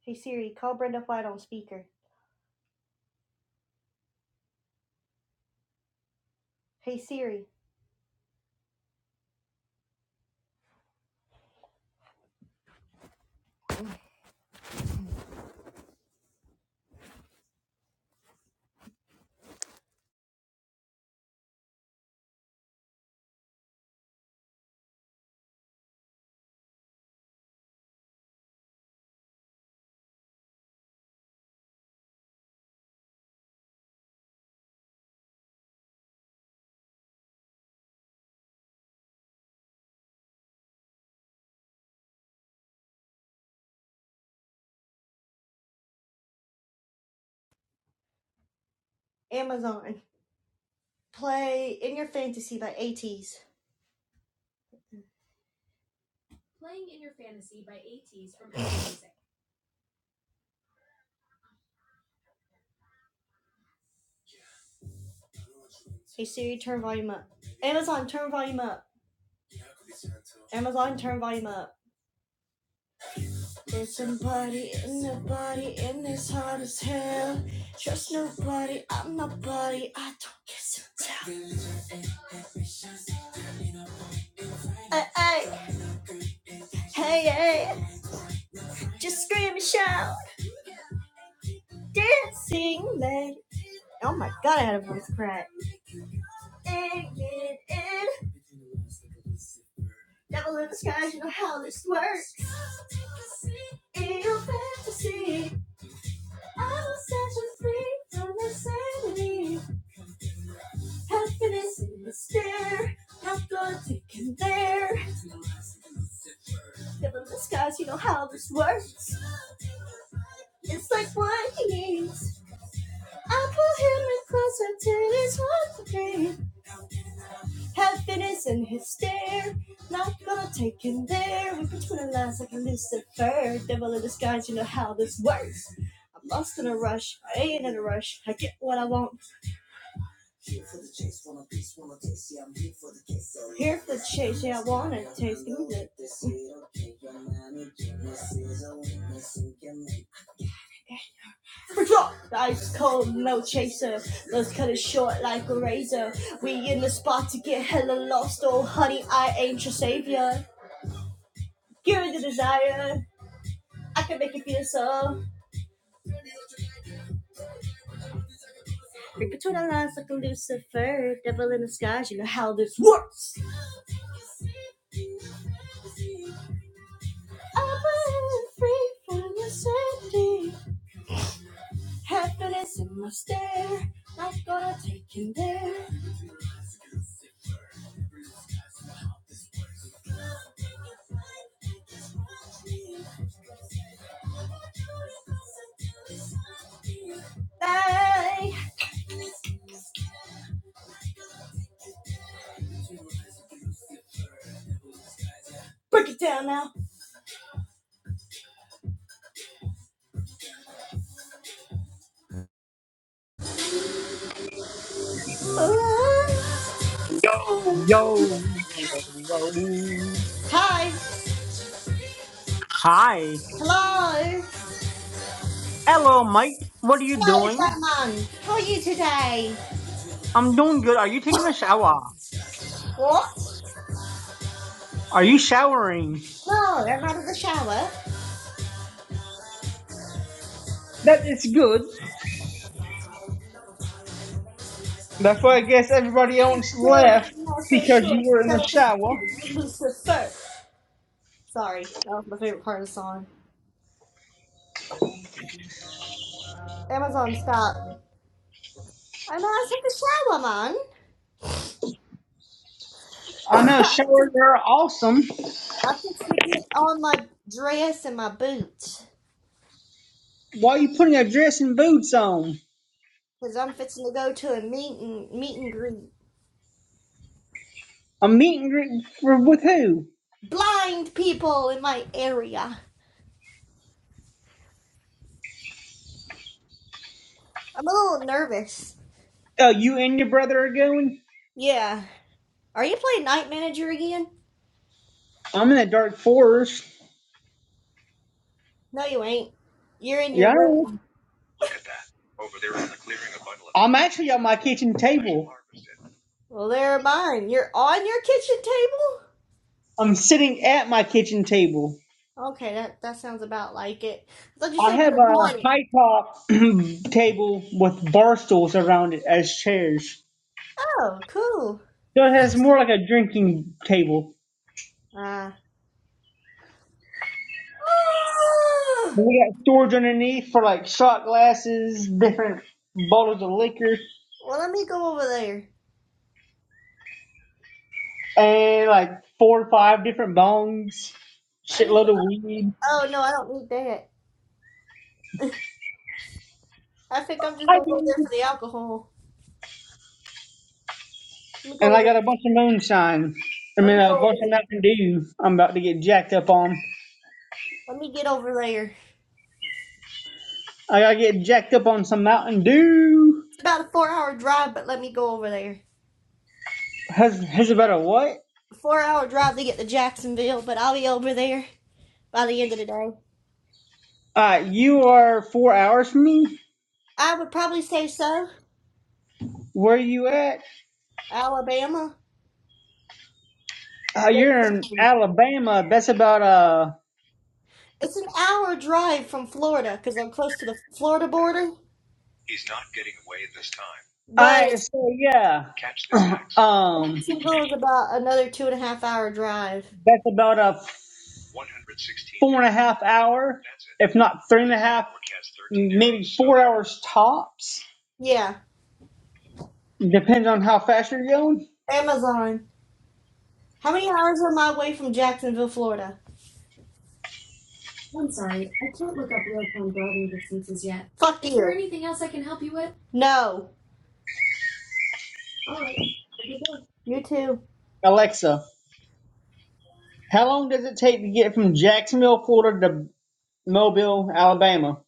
Hey Siri, call Brenda White on speaker. Hey Siri, Amazon, play In Your Fantasy by ATs. Hey Siri, turn volume up. Am- uh, oh my Ice cold, no chaser. Let's cut it short like a razor. We in the spot to get hella lost. Oh, honey, I ain't your savior. Give me the desire. I can make you feel so. Read between our lines like a Lucifer. Devil in the skies, you know how this works. Yo. Hi. Hello, mate. What are you doing? I'm doing good. Are you taking a shower? Are you showering? That is good. That's why I guess everybody else left because you were in the shower. Um, I'm out of the shower, man. I know showers are awesome. I'm fixing to get on my dress and my boots. Why are you putting a dress and boots on? Because I'm fixing to go to a meet and, meet and greet. A meet and greet for, with who? Blind people in my area. I'm a little nervous. Oh, you and your brother are going? Yeah. Are you playing Night Manager again? I'm in a dark forest. No, you ain't. You're in Yeah, your I am. room. I'm actually on my kitchen table. Well, there mine. You're on your kitchen table? I'm sitting at my kitchen table. Okay, that, that sounds about like it. I thought you said I have you're a on it. high top table with bar stools around it as chairs. Oh, cool. So it has more like a drinking table. Uh, And We got storage underneath for like shot glasses, different bottles of liquor, well, let me go over there. and like four or five different bongs, shitload of weed. I do. And I got a bunch of moonshine. I mean, a bunch of Mountain Dew I'm about to get jacked up on. I gotta get jacked up on some Mountain Dew. Has, has about a what? Four hour drive to get to Jacksonville, but I'll be over there by the end of the day. Uh, you are four hours from me. I would probably say so. Where you at? Alabama. Uh, you're in Alabama. That's about uh. It's an hour drive from Florida because I'm close to the Florida border. But I it's so yeah. Um, Jacksonville. that's about a four and a half hour, if not three and a half, four hours tops. Yeah, Depends on how fast you're going. Amazon. How many hours am I away from Jacksonville, Florida? Fuck you. Is No, you too. Alexa, how long does it take to get from Jacksonville, Florida to Mobile, Alabama?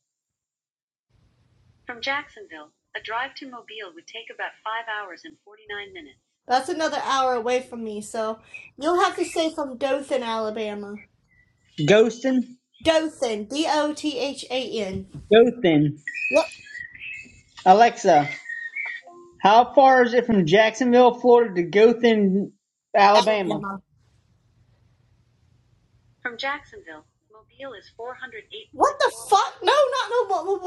That's another hour away from me, so you'll have to stay from Dothan, Alabama. Ghostin? Dothan, D O T H A N. Gothen. What Alexa, how far is it from Jacksonville, Florida to Gothen, Alabama? Alabama? What the fuck? No, not no. what- what-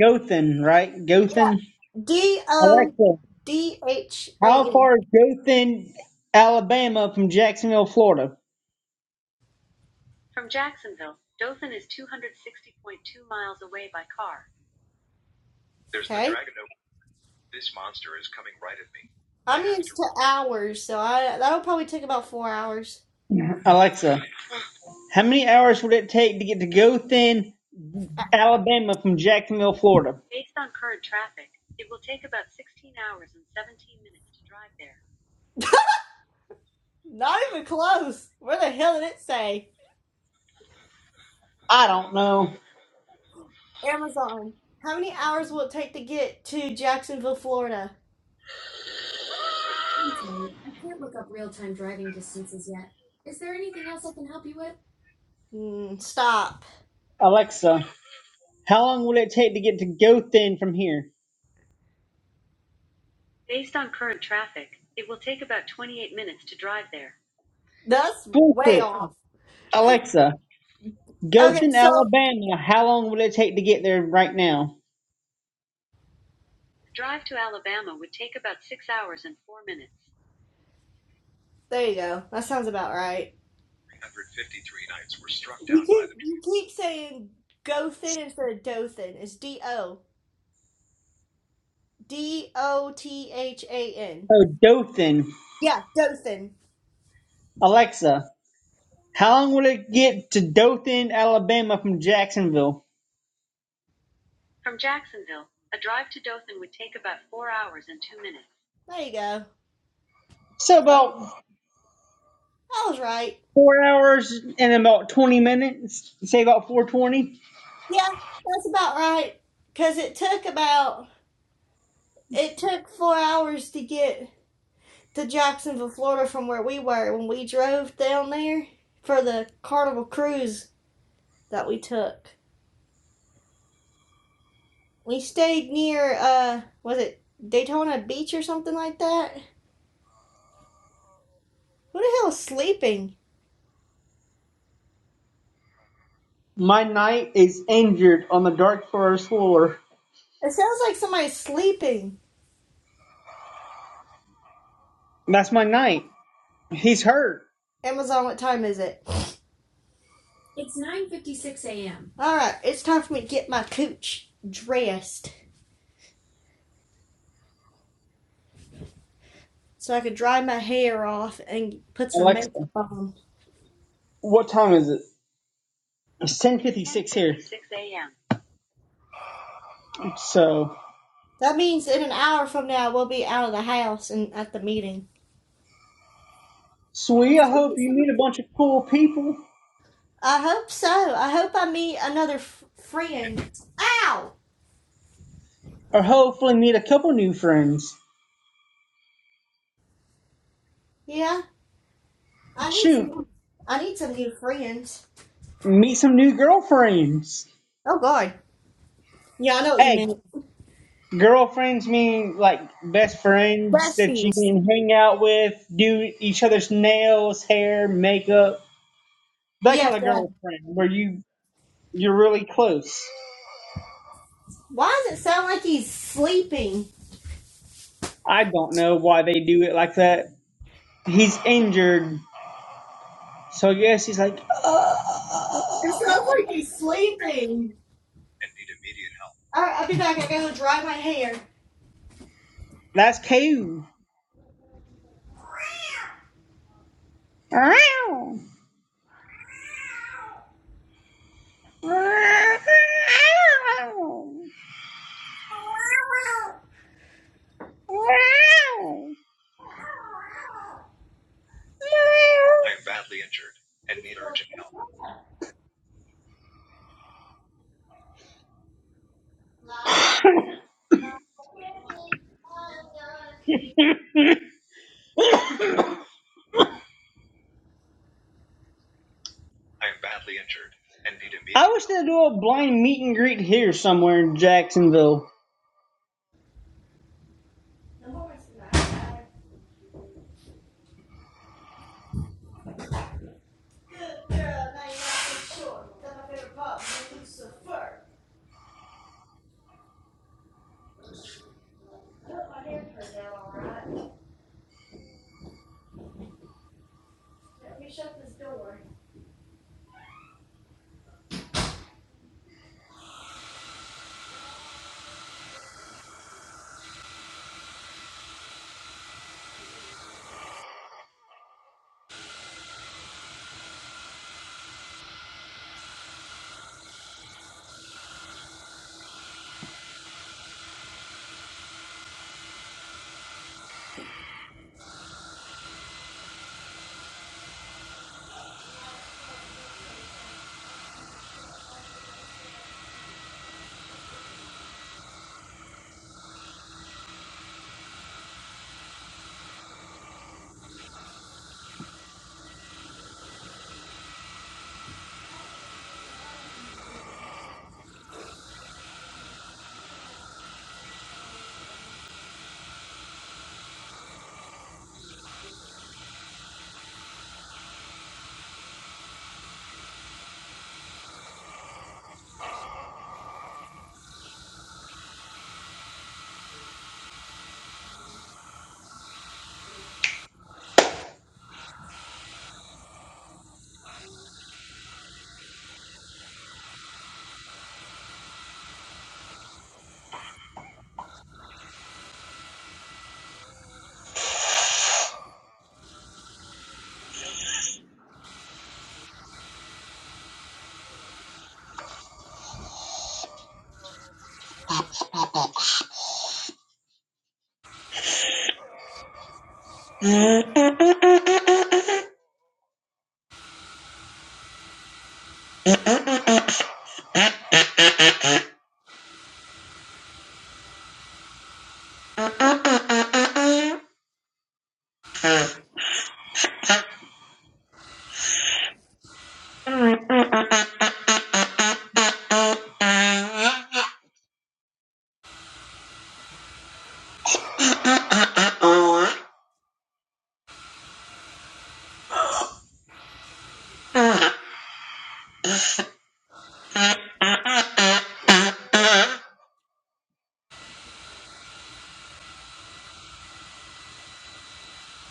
Gothen, right? Gothen. D O Alexa, D H A how N. far is Gothen, Alabama from Jacksonville, Florida? I'm used to hours, so I that'll probably take about four hours. Alexa, how many hours would it take to get to Gothen, Alabama from Jacksonville, Florida? I don't know. Mm, stop. Alexa, how long would it take to get to Gothen from here? That's way Bullshit. off. Alexa, Okay, Gothen, so Alabama, how long would it take to get there right now? there you go. That sounds about right. You keep you keep saying go thin instead of do thin. It's D O D O T H A N. Oh, Dothan. Yeah, do thin. Alexa, How long will it get to Dothan, Alabama from Jacksonville? There you go. So about I was right. four hours and about 20 minutes. Say about 420. Yeah, that's about right. Cause it took about it took four hours to get to Jacksonville, Florida, from where we were when we drove down there for the Carnival cruise that we took. We stayed near uh was it Daytona Beach or something like that? Who the hell is sleeping? My knight is injured on the dark forest floor. It sounds like somebody's sleeping. That's my knight. He's hurt. Amazon, what time is it? All right, it's time for me to get my cooch dressed so I could dry my hair off and put some Alexa, makeup on. what time is it? It's 10.50. So, That means in an hour from now we'll be out of the house and at the meeting. sweet, I hope you meet a bunch of cool people. I hope so. I hope I meet another f- friend. Ow. Or hopefully meet a couple new friends. Yeah, I need Shoot, some. I need some new friends. meet some new girlfriends. Oh God. Yeah, I know what Hey, you mean Girlfriends mean like best friends that you Besties. can hang out with, do each other's nails, hair, makeup, that Yeah, kind of yeah. girlfriend where you you're really close. Why does it sound like he's sleeping? I don't know why they do it like that. He's injured, so I guess he's like, "That's Caillou." I wish they'd do a blind meet and greet here somewhere in Jacksonville. Good Girl, now you're not so sure. That's my favorite part. Lucifer. I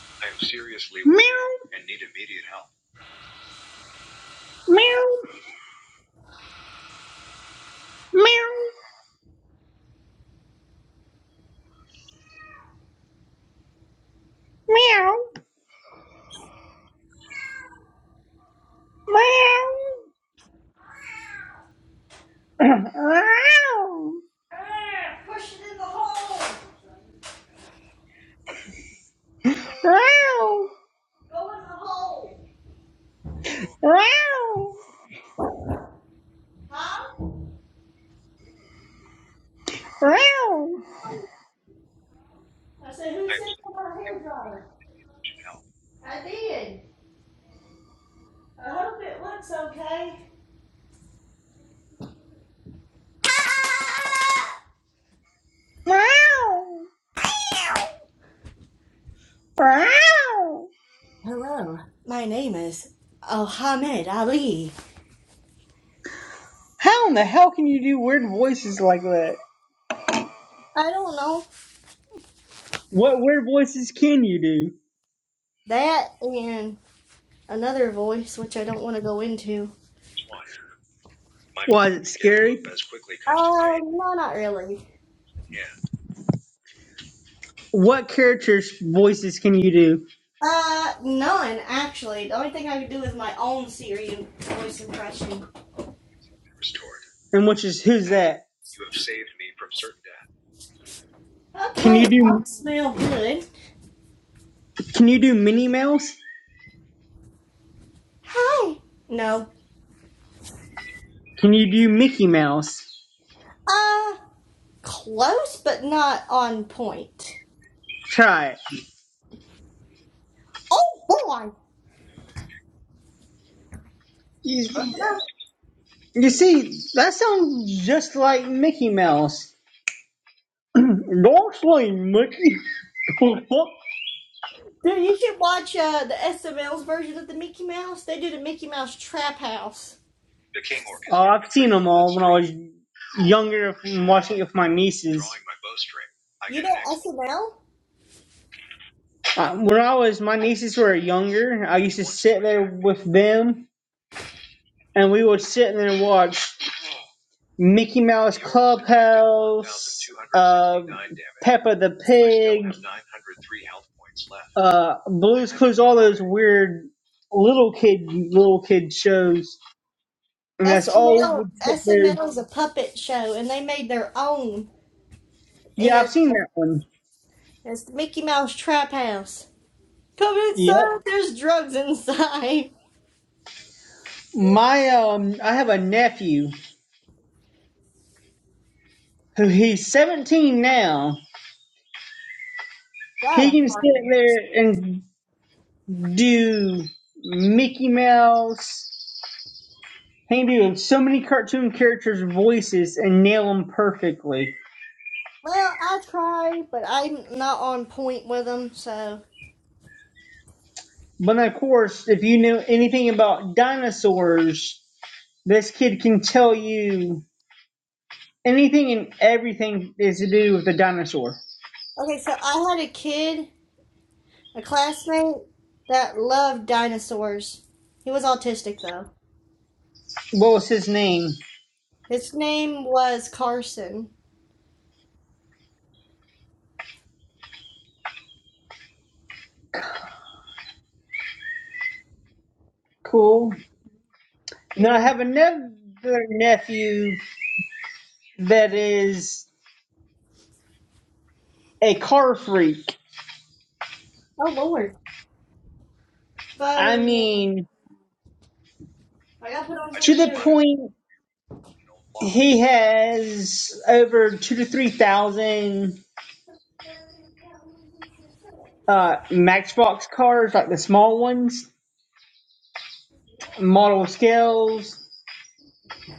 am seriously. Meow, meow, meow, meow, meow. Wow, First, go in the hole. wow, wow, I said, who said? wow, wow, wow. How in the hell can you do weird voices like that? I don't know. What weird voices can you do? That and another voice, which I don't want to go into. Like, Uh, no, not really. What characters' voices can you do? Uh, none, actually. The only thing I could do is my own Syrian voice impression. And which is who's that? Can Okay, you mom smell good. do Can you do Minnie Mouse? Hi. No. Can you do Mickey Mouse? Uh, close, but not on point. Try it. Oh boy! You, you see, that sounds just like Mickey Mouse. Don't say Mickey. oh, Dude, you should watch uh, the SML's version of the Mickey Mouse. They did a Mickey Mouse trap house. I've seen them all. Younger with my nieces. You know SML? Uh, When I was, my nieces were younger. I used to sit there with them, and we would sit there and watch Mickey Mouse Club, Peppa the Pig, uh, Blue's Clues, all those weird little kid little kid shows, and that's all we SML would sit there. SML is a puppet show, and they made their own. Yeah, I've And seen that one. it's the Mickey Mouse trap house. Come Yeah, inside. There's drugs inside. my um, I have a nephew who he's 17 now. He Got a can sit party. there and do Mickey Mouse. He can do so many cartoon characters' voices and nail them perfectly. Well, I try, but I'm not on point with them. So But then, of course, if you knew anything about dinosaurs, This kid can tell you anything and everything is to do with a dinosaur. okay, so I had a kid, a classmate that loved dinosaurs. He was autistic though What was his name? His name was Carson. Cool. Now I have another nephew that is a car freak. I mean, he has over two to three thousand uh, Matchbox cars, like the small ones, model scales.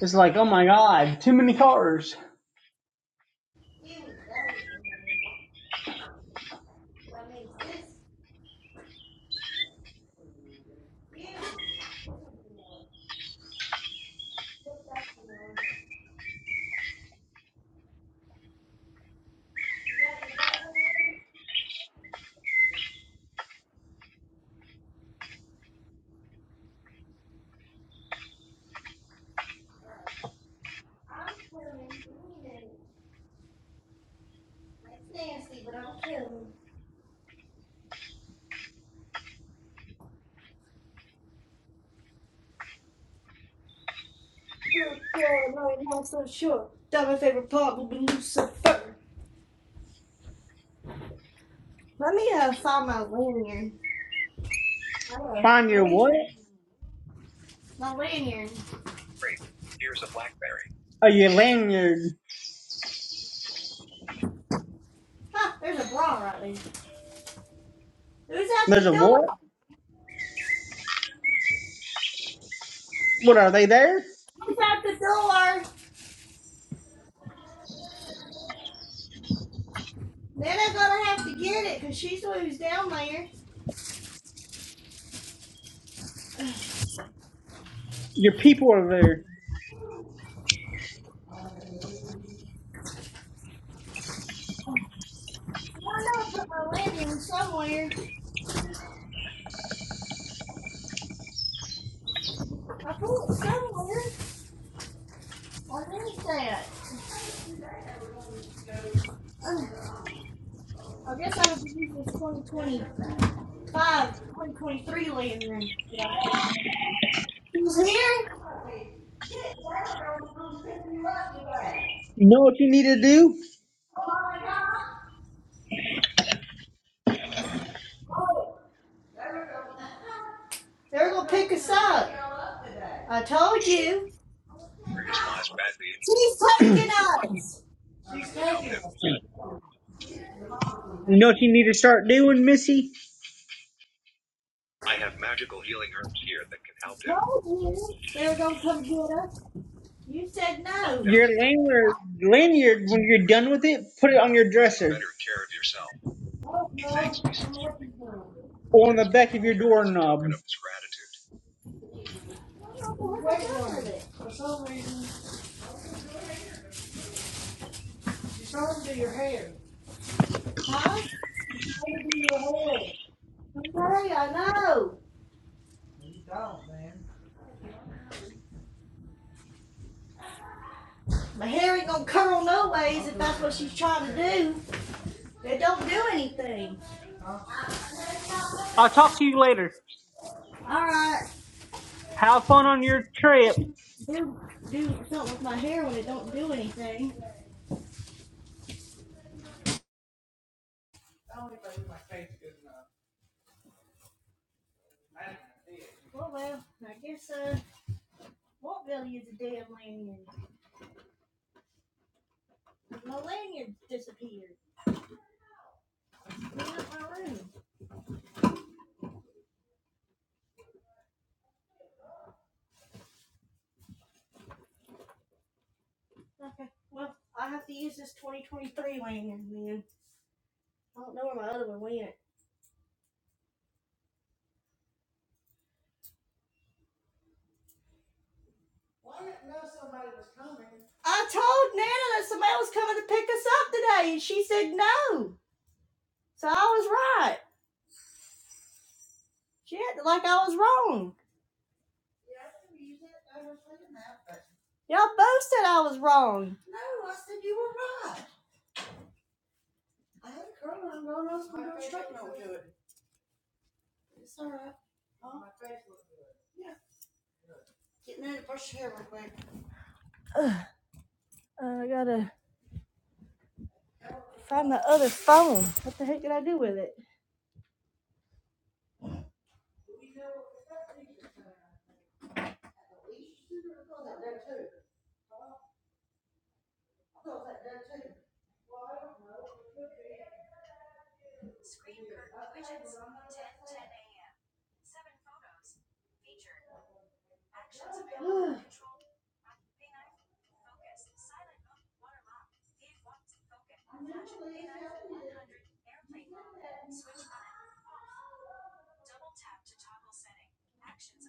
It's like, oh my god, too many cars. Oh god, no, I'm not so sure. That my favorite part will be Lucifer. Let me uh, find my lanyard. Oh, Find your what? lanyard. My lanyard. Oh, your lanyard. Huh, there's a bra right there. Who's at There's a the door? what? What are they there? Who's at the door? Then I'm gonna have to get it because she's the one who's down there. Your people are there. The lanyard somewhere. I need that. I guess I have to use this 2025, 2023 lanyard. Who's here? You know what you need to do? They're gonna pick us up. I told you. He's taking us. You know what you need to start doing, Missy? Lanyard, lanyard. When you're done with it, put it on your dresser or on the back of your. I'm sorry, I know. My hair ain't gonna curl no ways if that's what she's trying to do. It don't do anything. I'll talk to you later. All right, Have fun on your trip. do do something with my hair when it don't do anything. Well, well, I guess I uh, won't be able to use a damn lanyard. 'cause My lanyard disappeared. Okay, well, I have to use this 2023 lanyard. So. Yeah, I can use it. I was looking at that, but- Yeah. No, I said you were right. I had a curl and i was going to straighten it. It's all right. Huh? My face looks good. Yeah. Getting ready to brush your hair real quick. This phone. What did I do with it? Screen widgets. ten a.m. Seven photos. Featured. Actions available. Control. Focus. Silent mode. Waterlock. Feed one. Focus. Flash. one hundred. Airplane mode. Switch button. Off. Double tap to toggle setting. Actions.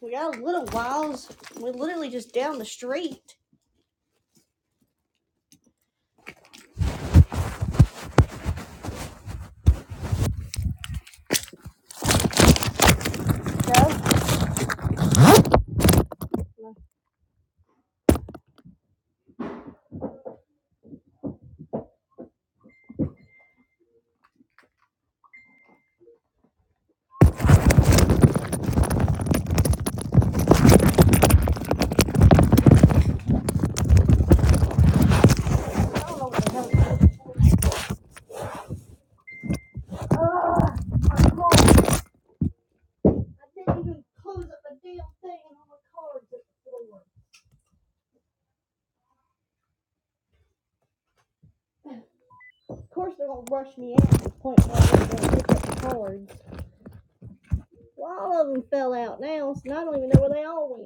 We got a little whiles. We're literally just down the street. No. Of course, they're gonna rush me out to the point where I'm gonna pick up the cards. Well, all of them fell out now, so I don't even know where they all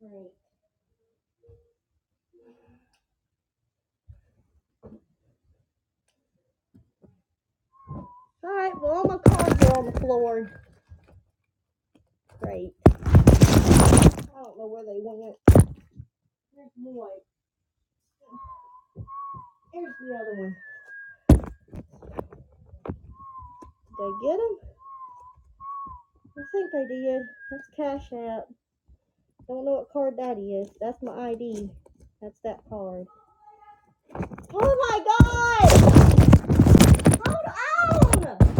went. Great. All right, well, all my cards are on the floor. Great. I don't know where they went. There's one. There's the other one. Did they get them? I think they did. That's cash out. Don't know what card that is. That's my ID. That's that card. Oh my God! Hold on!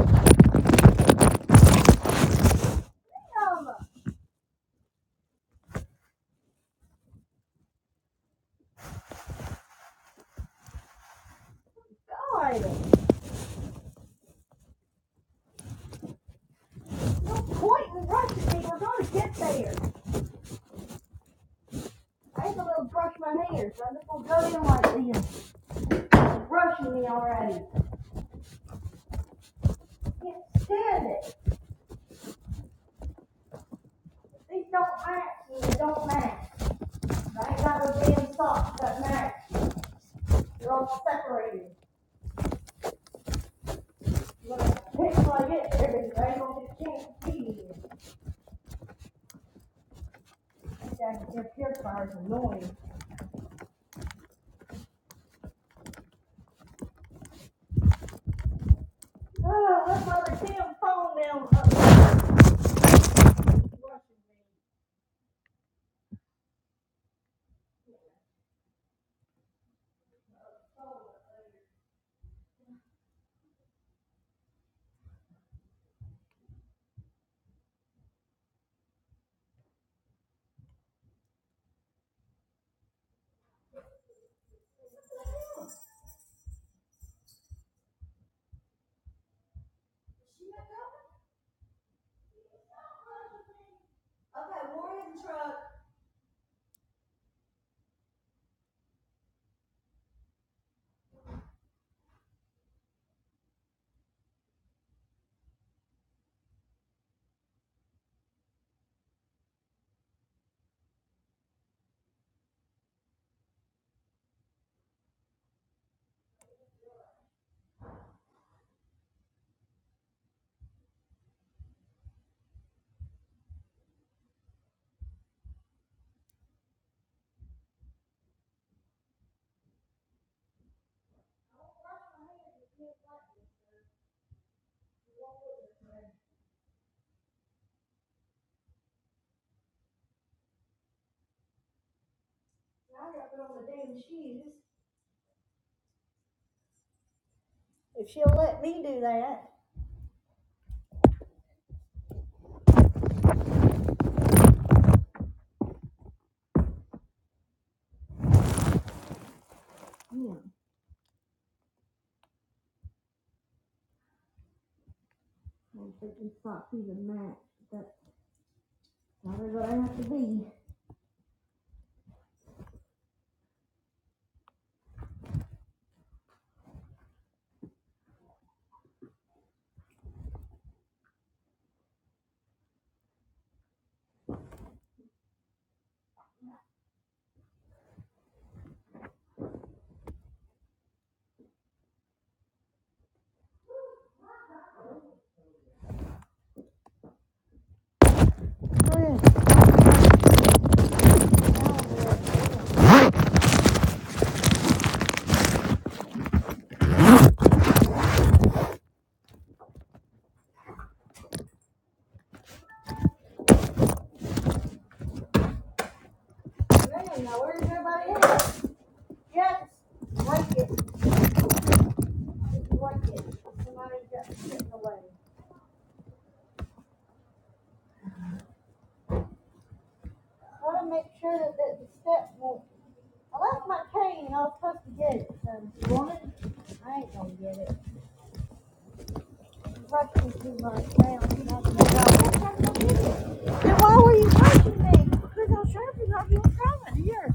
If she'll let me do that, it's like it. Somebody's got to get away. want to make sure that, that the step won't. I left my cane and I was supposed to get it. So if you want it? I ain't gonna get it. I'm Rushing too much now. and i to go. Then why were you rushing me? Because I'm sure you're not doing coming here.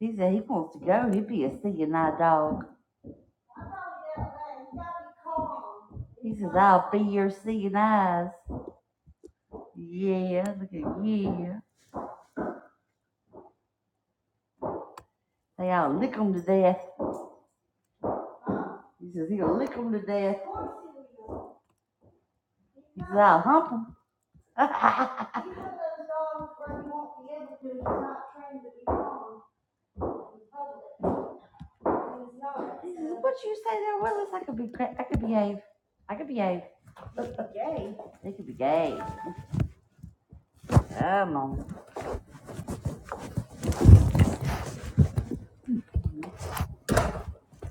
He said he wants to go. He'd be a seeing eye dog. He says, I'll be your seeing eyes. Yeah, look at yeah. They all lick 'em to death. He says he'll lick 'em to death. He says I'll hump 'em.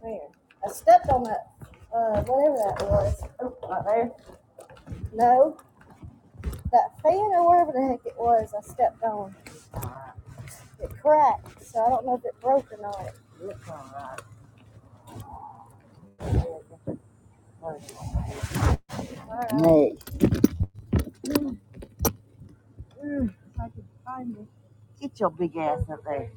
Where? I stepped on that, uh, whatever that was. No, that fan or whatever the heck it was, I stepped on. It cracked, so I don't know if it broke or not. Alright. Nay, get your big ass up there.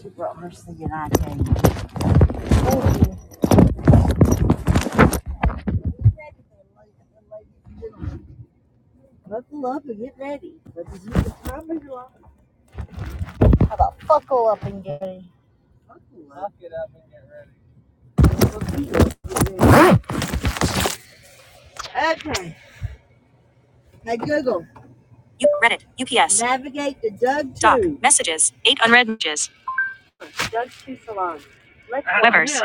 She brought her C and I came. Buckle up and get ready. But this is the time of your life. But buckle up and get ready. Buckle up and get ready. Okay. Hey, Google, U- Reddit, UPS, navigate to Doug two. Doc, messages, eight unread messages, Doug Weber's,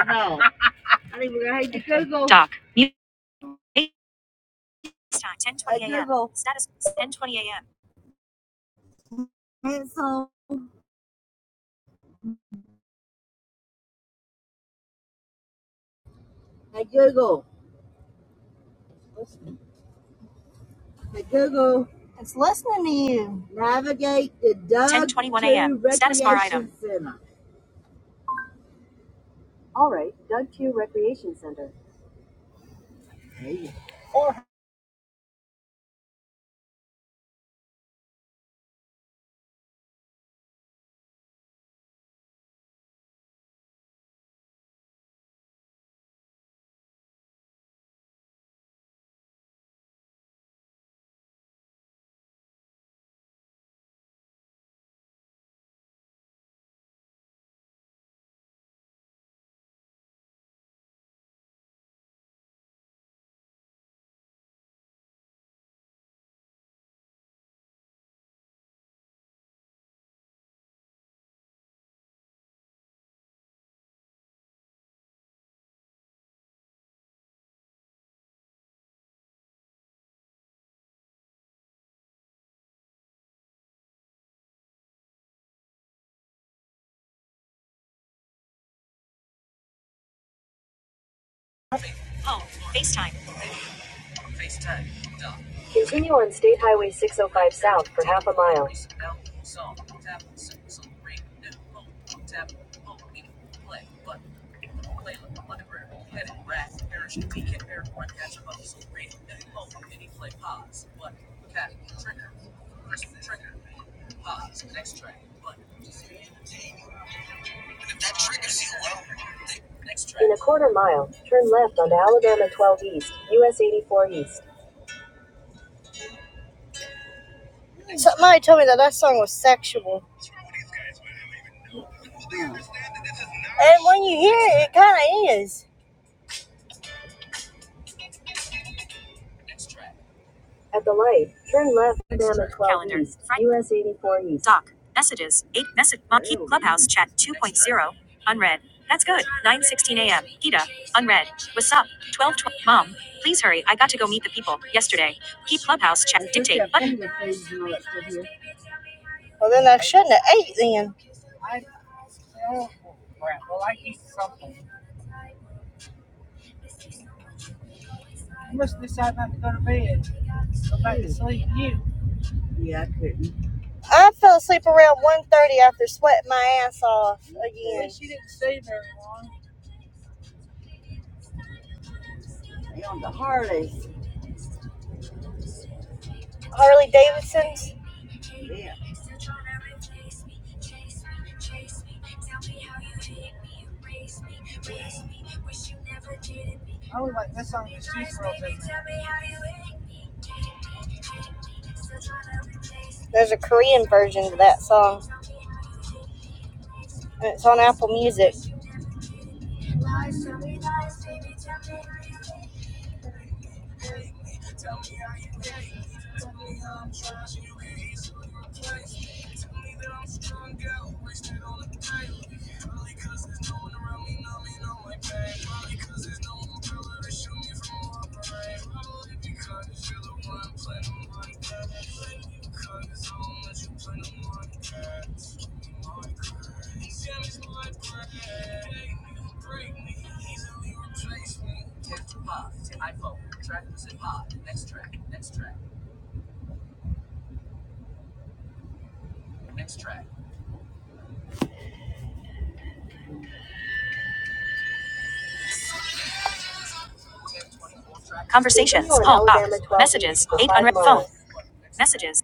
Doc. Mute. Time 10:20 a.m. Google. Status 10:20 a.m. I Google. Hey Google. Navigate the Doug 10:21 a.m. Status bar item. Center. Home. FaceTime. Somebody told me that that song was sexual, and when you hear it, it kind of is. Calendar. Friday. Doc. Messages. 8. Message. Monkey. Clubhouse chat 2.0. Unread. That's good. 9.16 a.m. Gita. Unread. What's up? 12.20. Mom. Please hurry. I got to go meet the people. Yesterday. Keep Clubhouse chat. Dictate. Button. Well, then I shouldn't have ate then. I fell asleep around one thirty after sweating my ass off again. Harley Davidson's. There's a Korean version of that song, and it's on Apple Music. Conversations. Call box. Messages. Eight unread phone. Messages.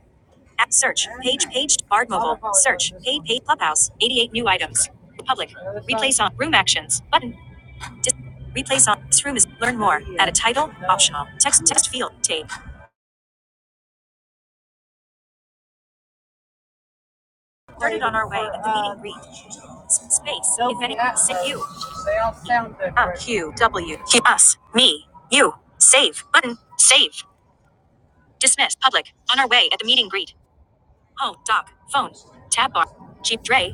App search page page Bard mobile search page page clubhouse 88 new items public replace on room actions button dis, replace on this room is learn more add a title optional text text field tape read space Q W Q us me you save button save dismiss public on our way at the meeting greet home doc phone tab bar jeep dre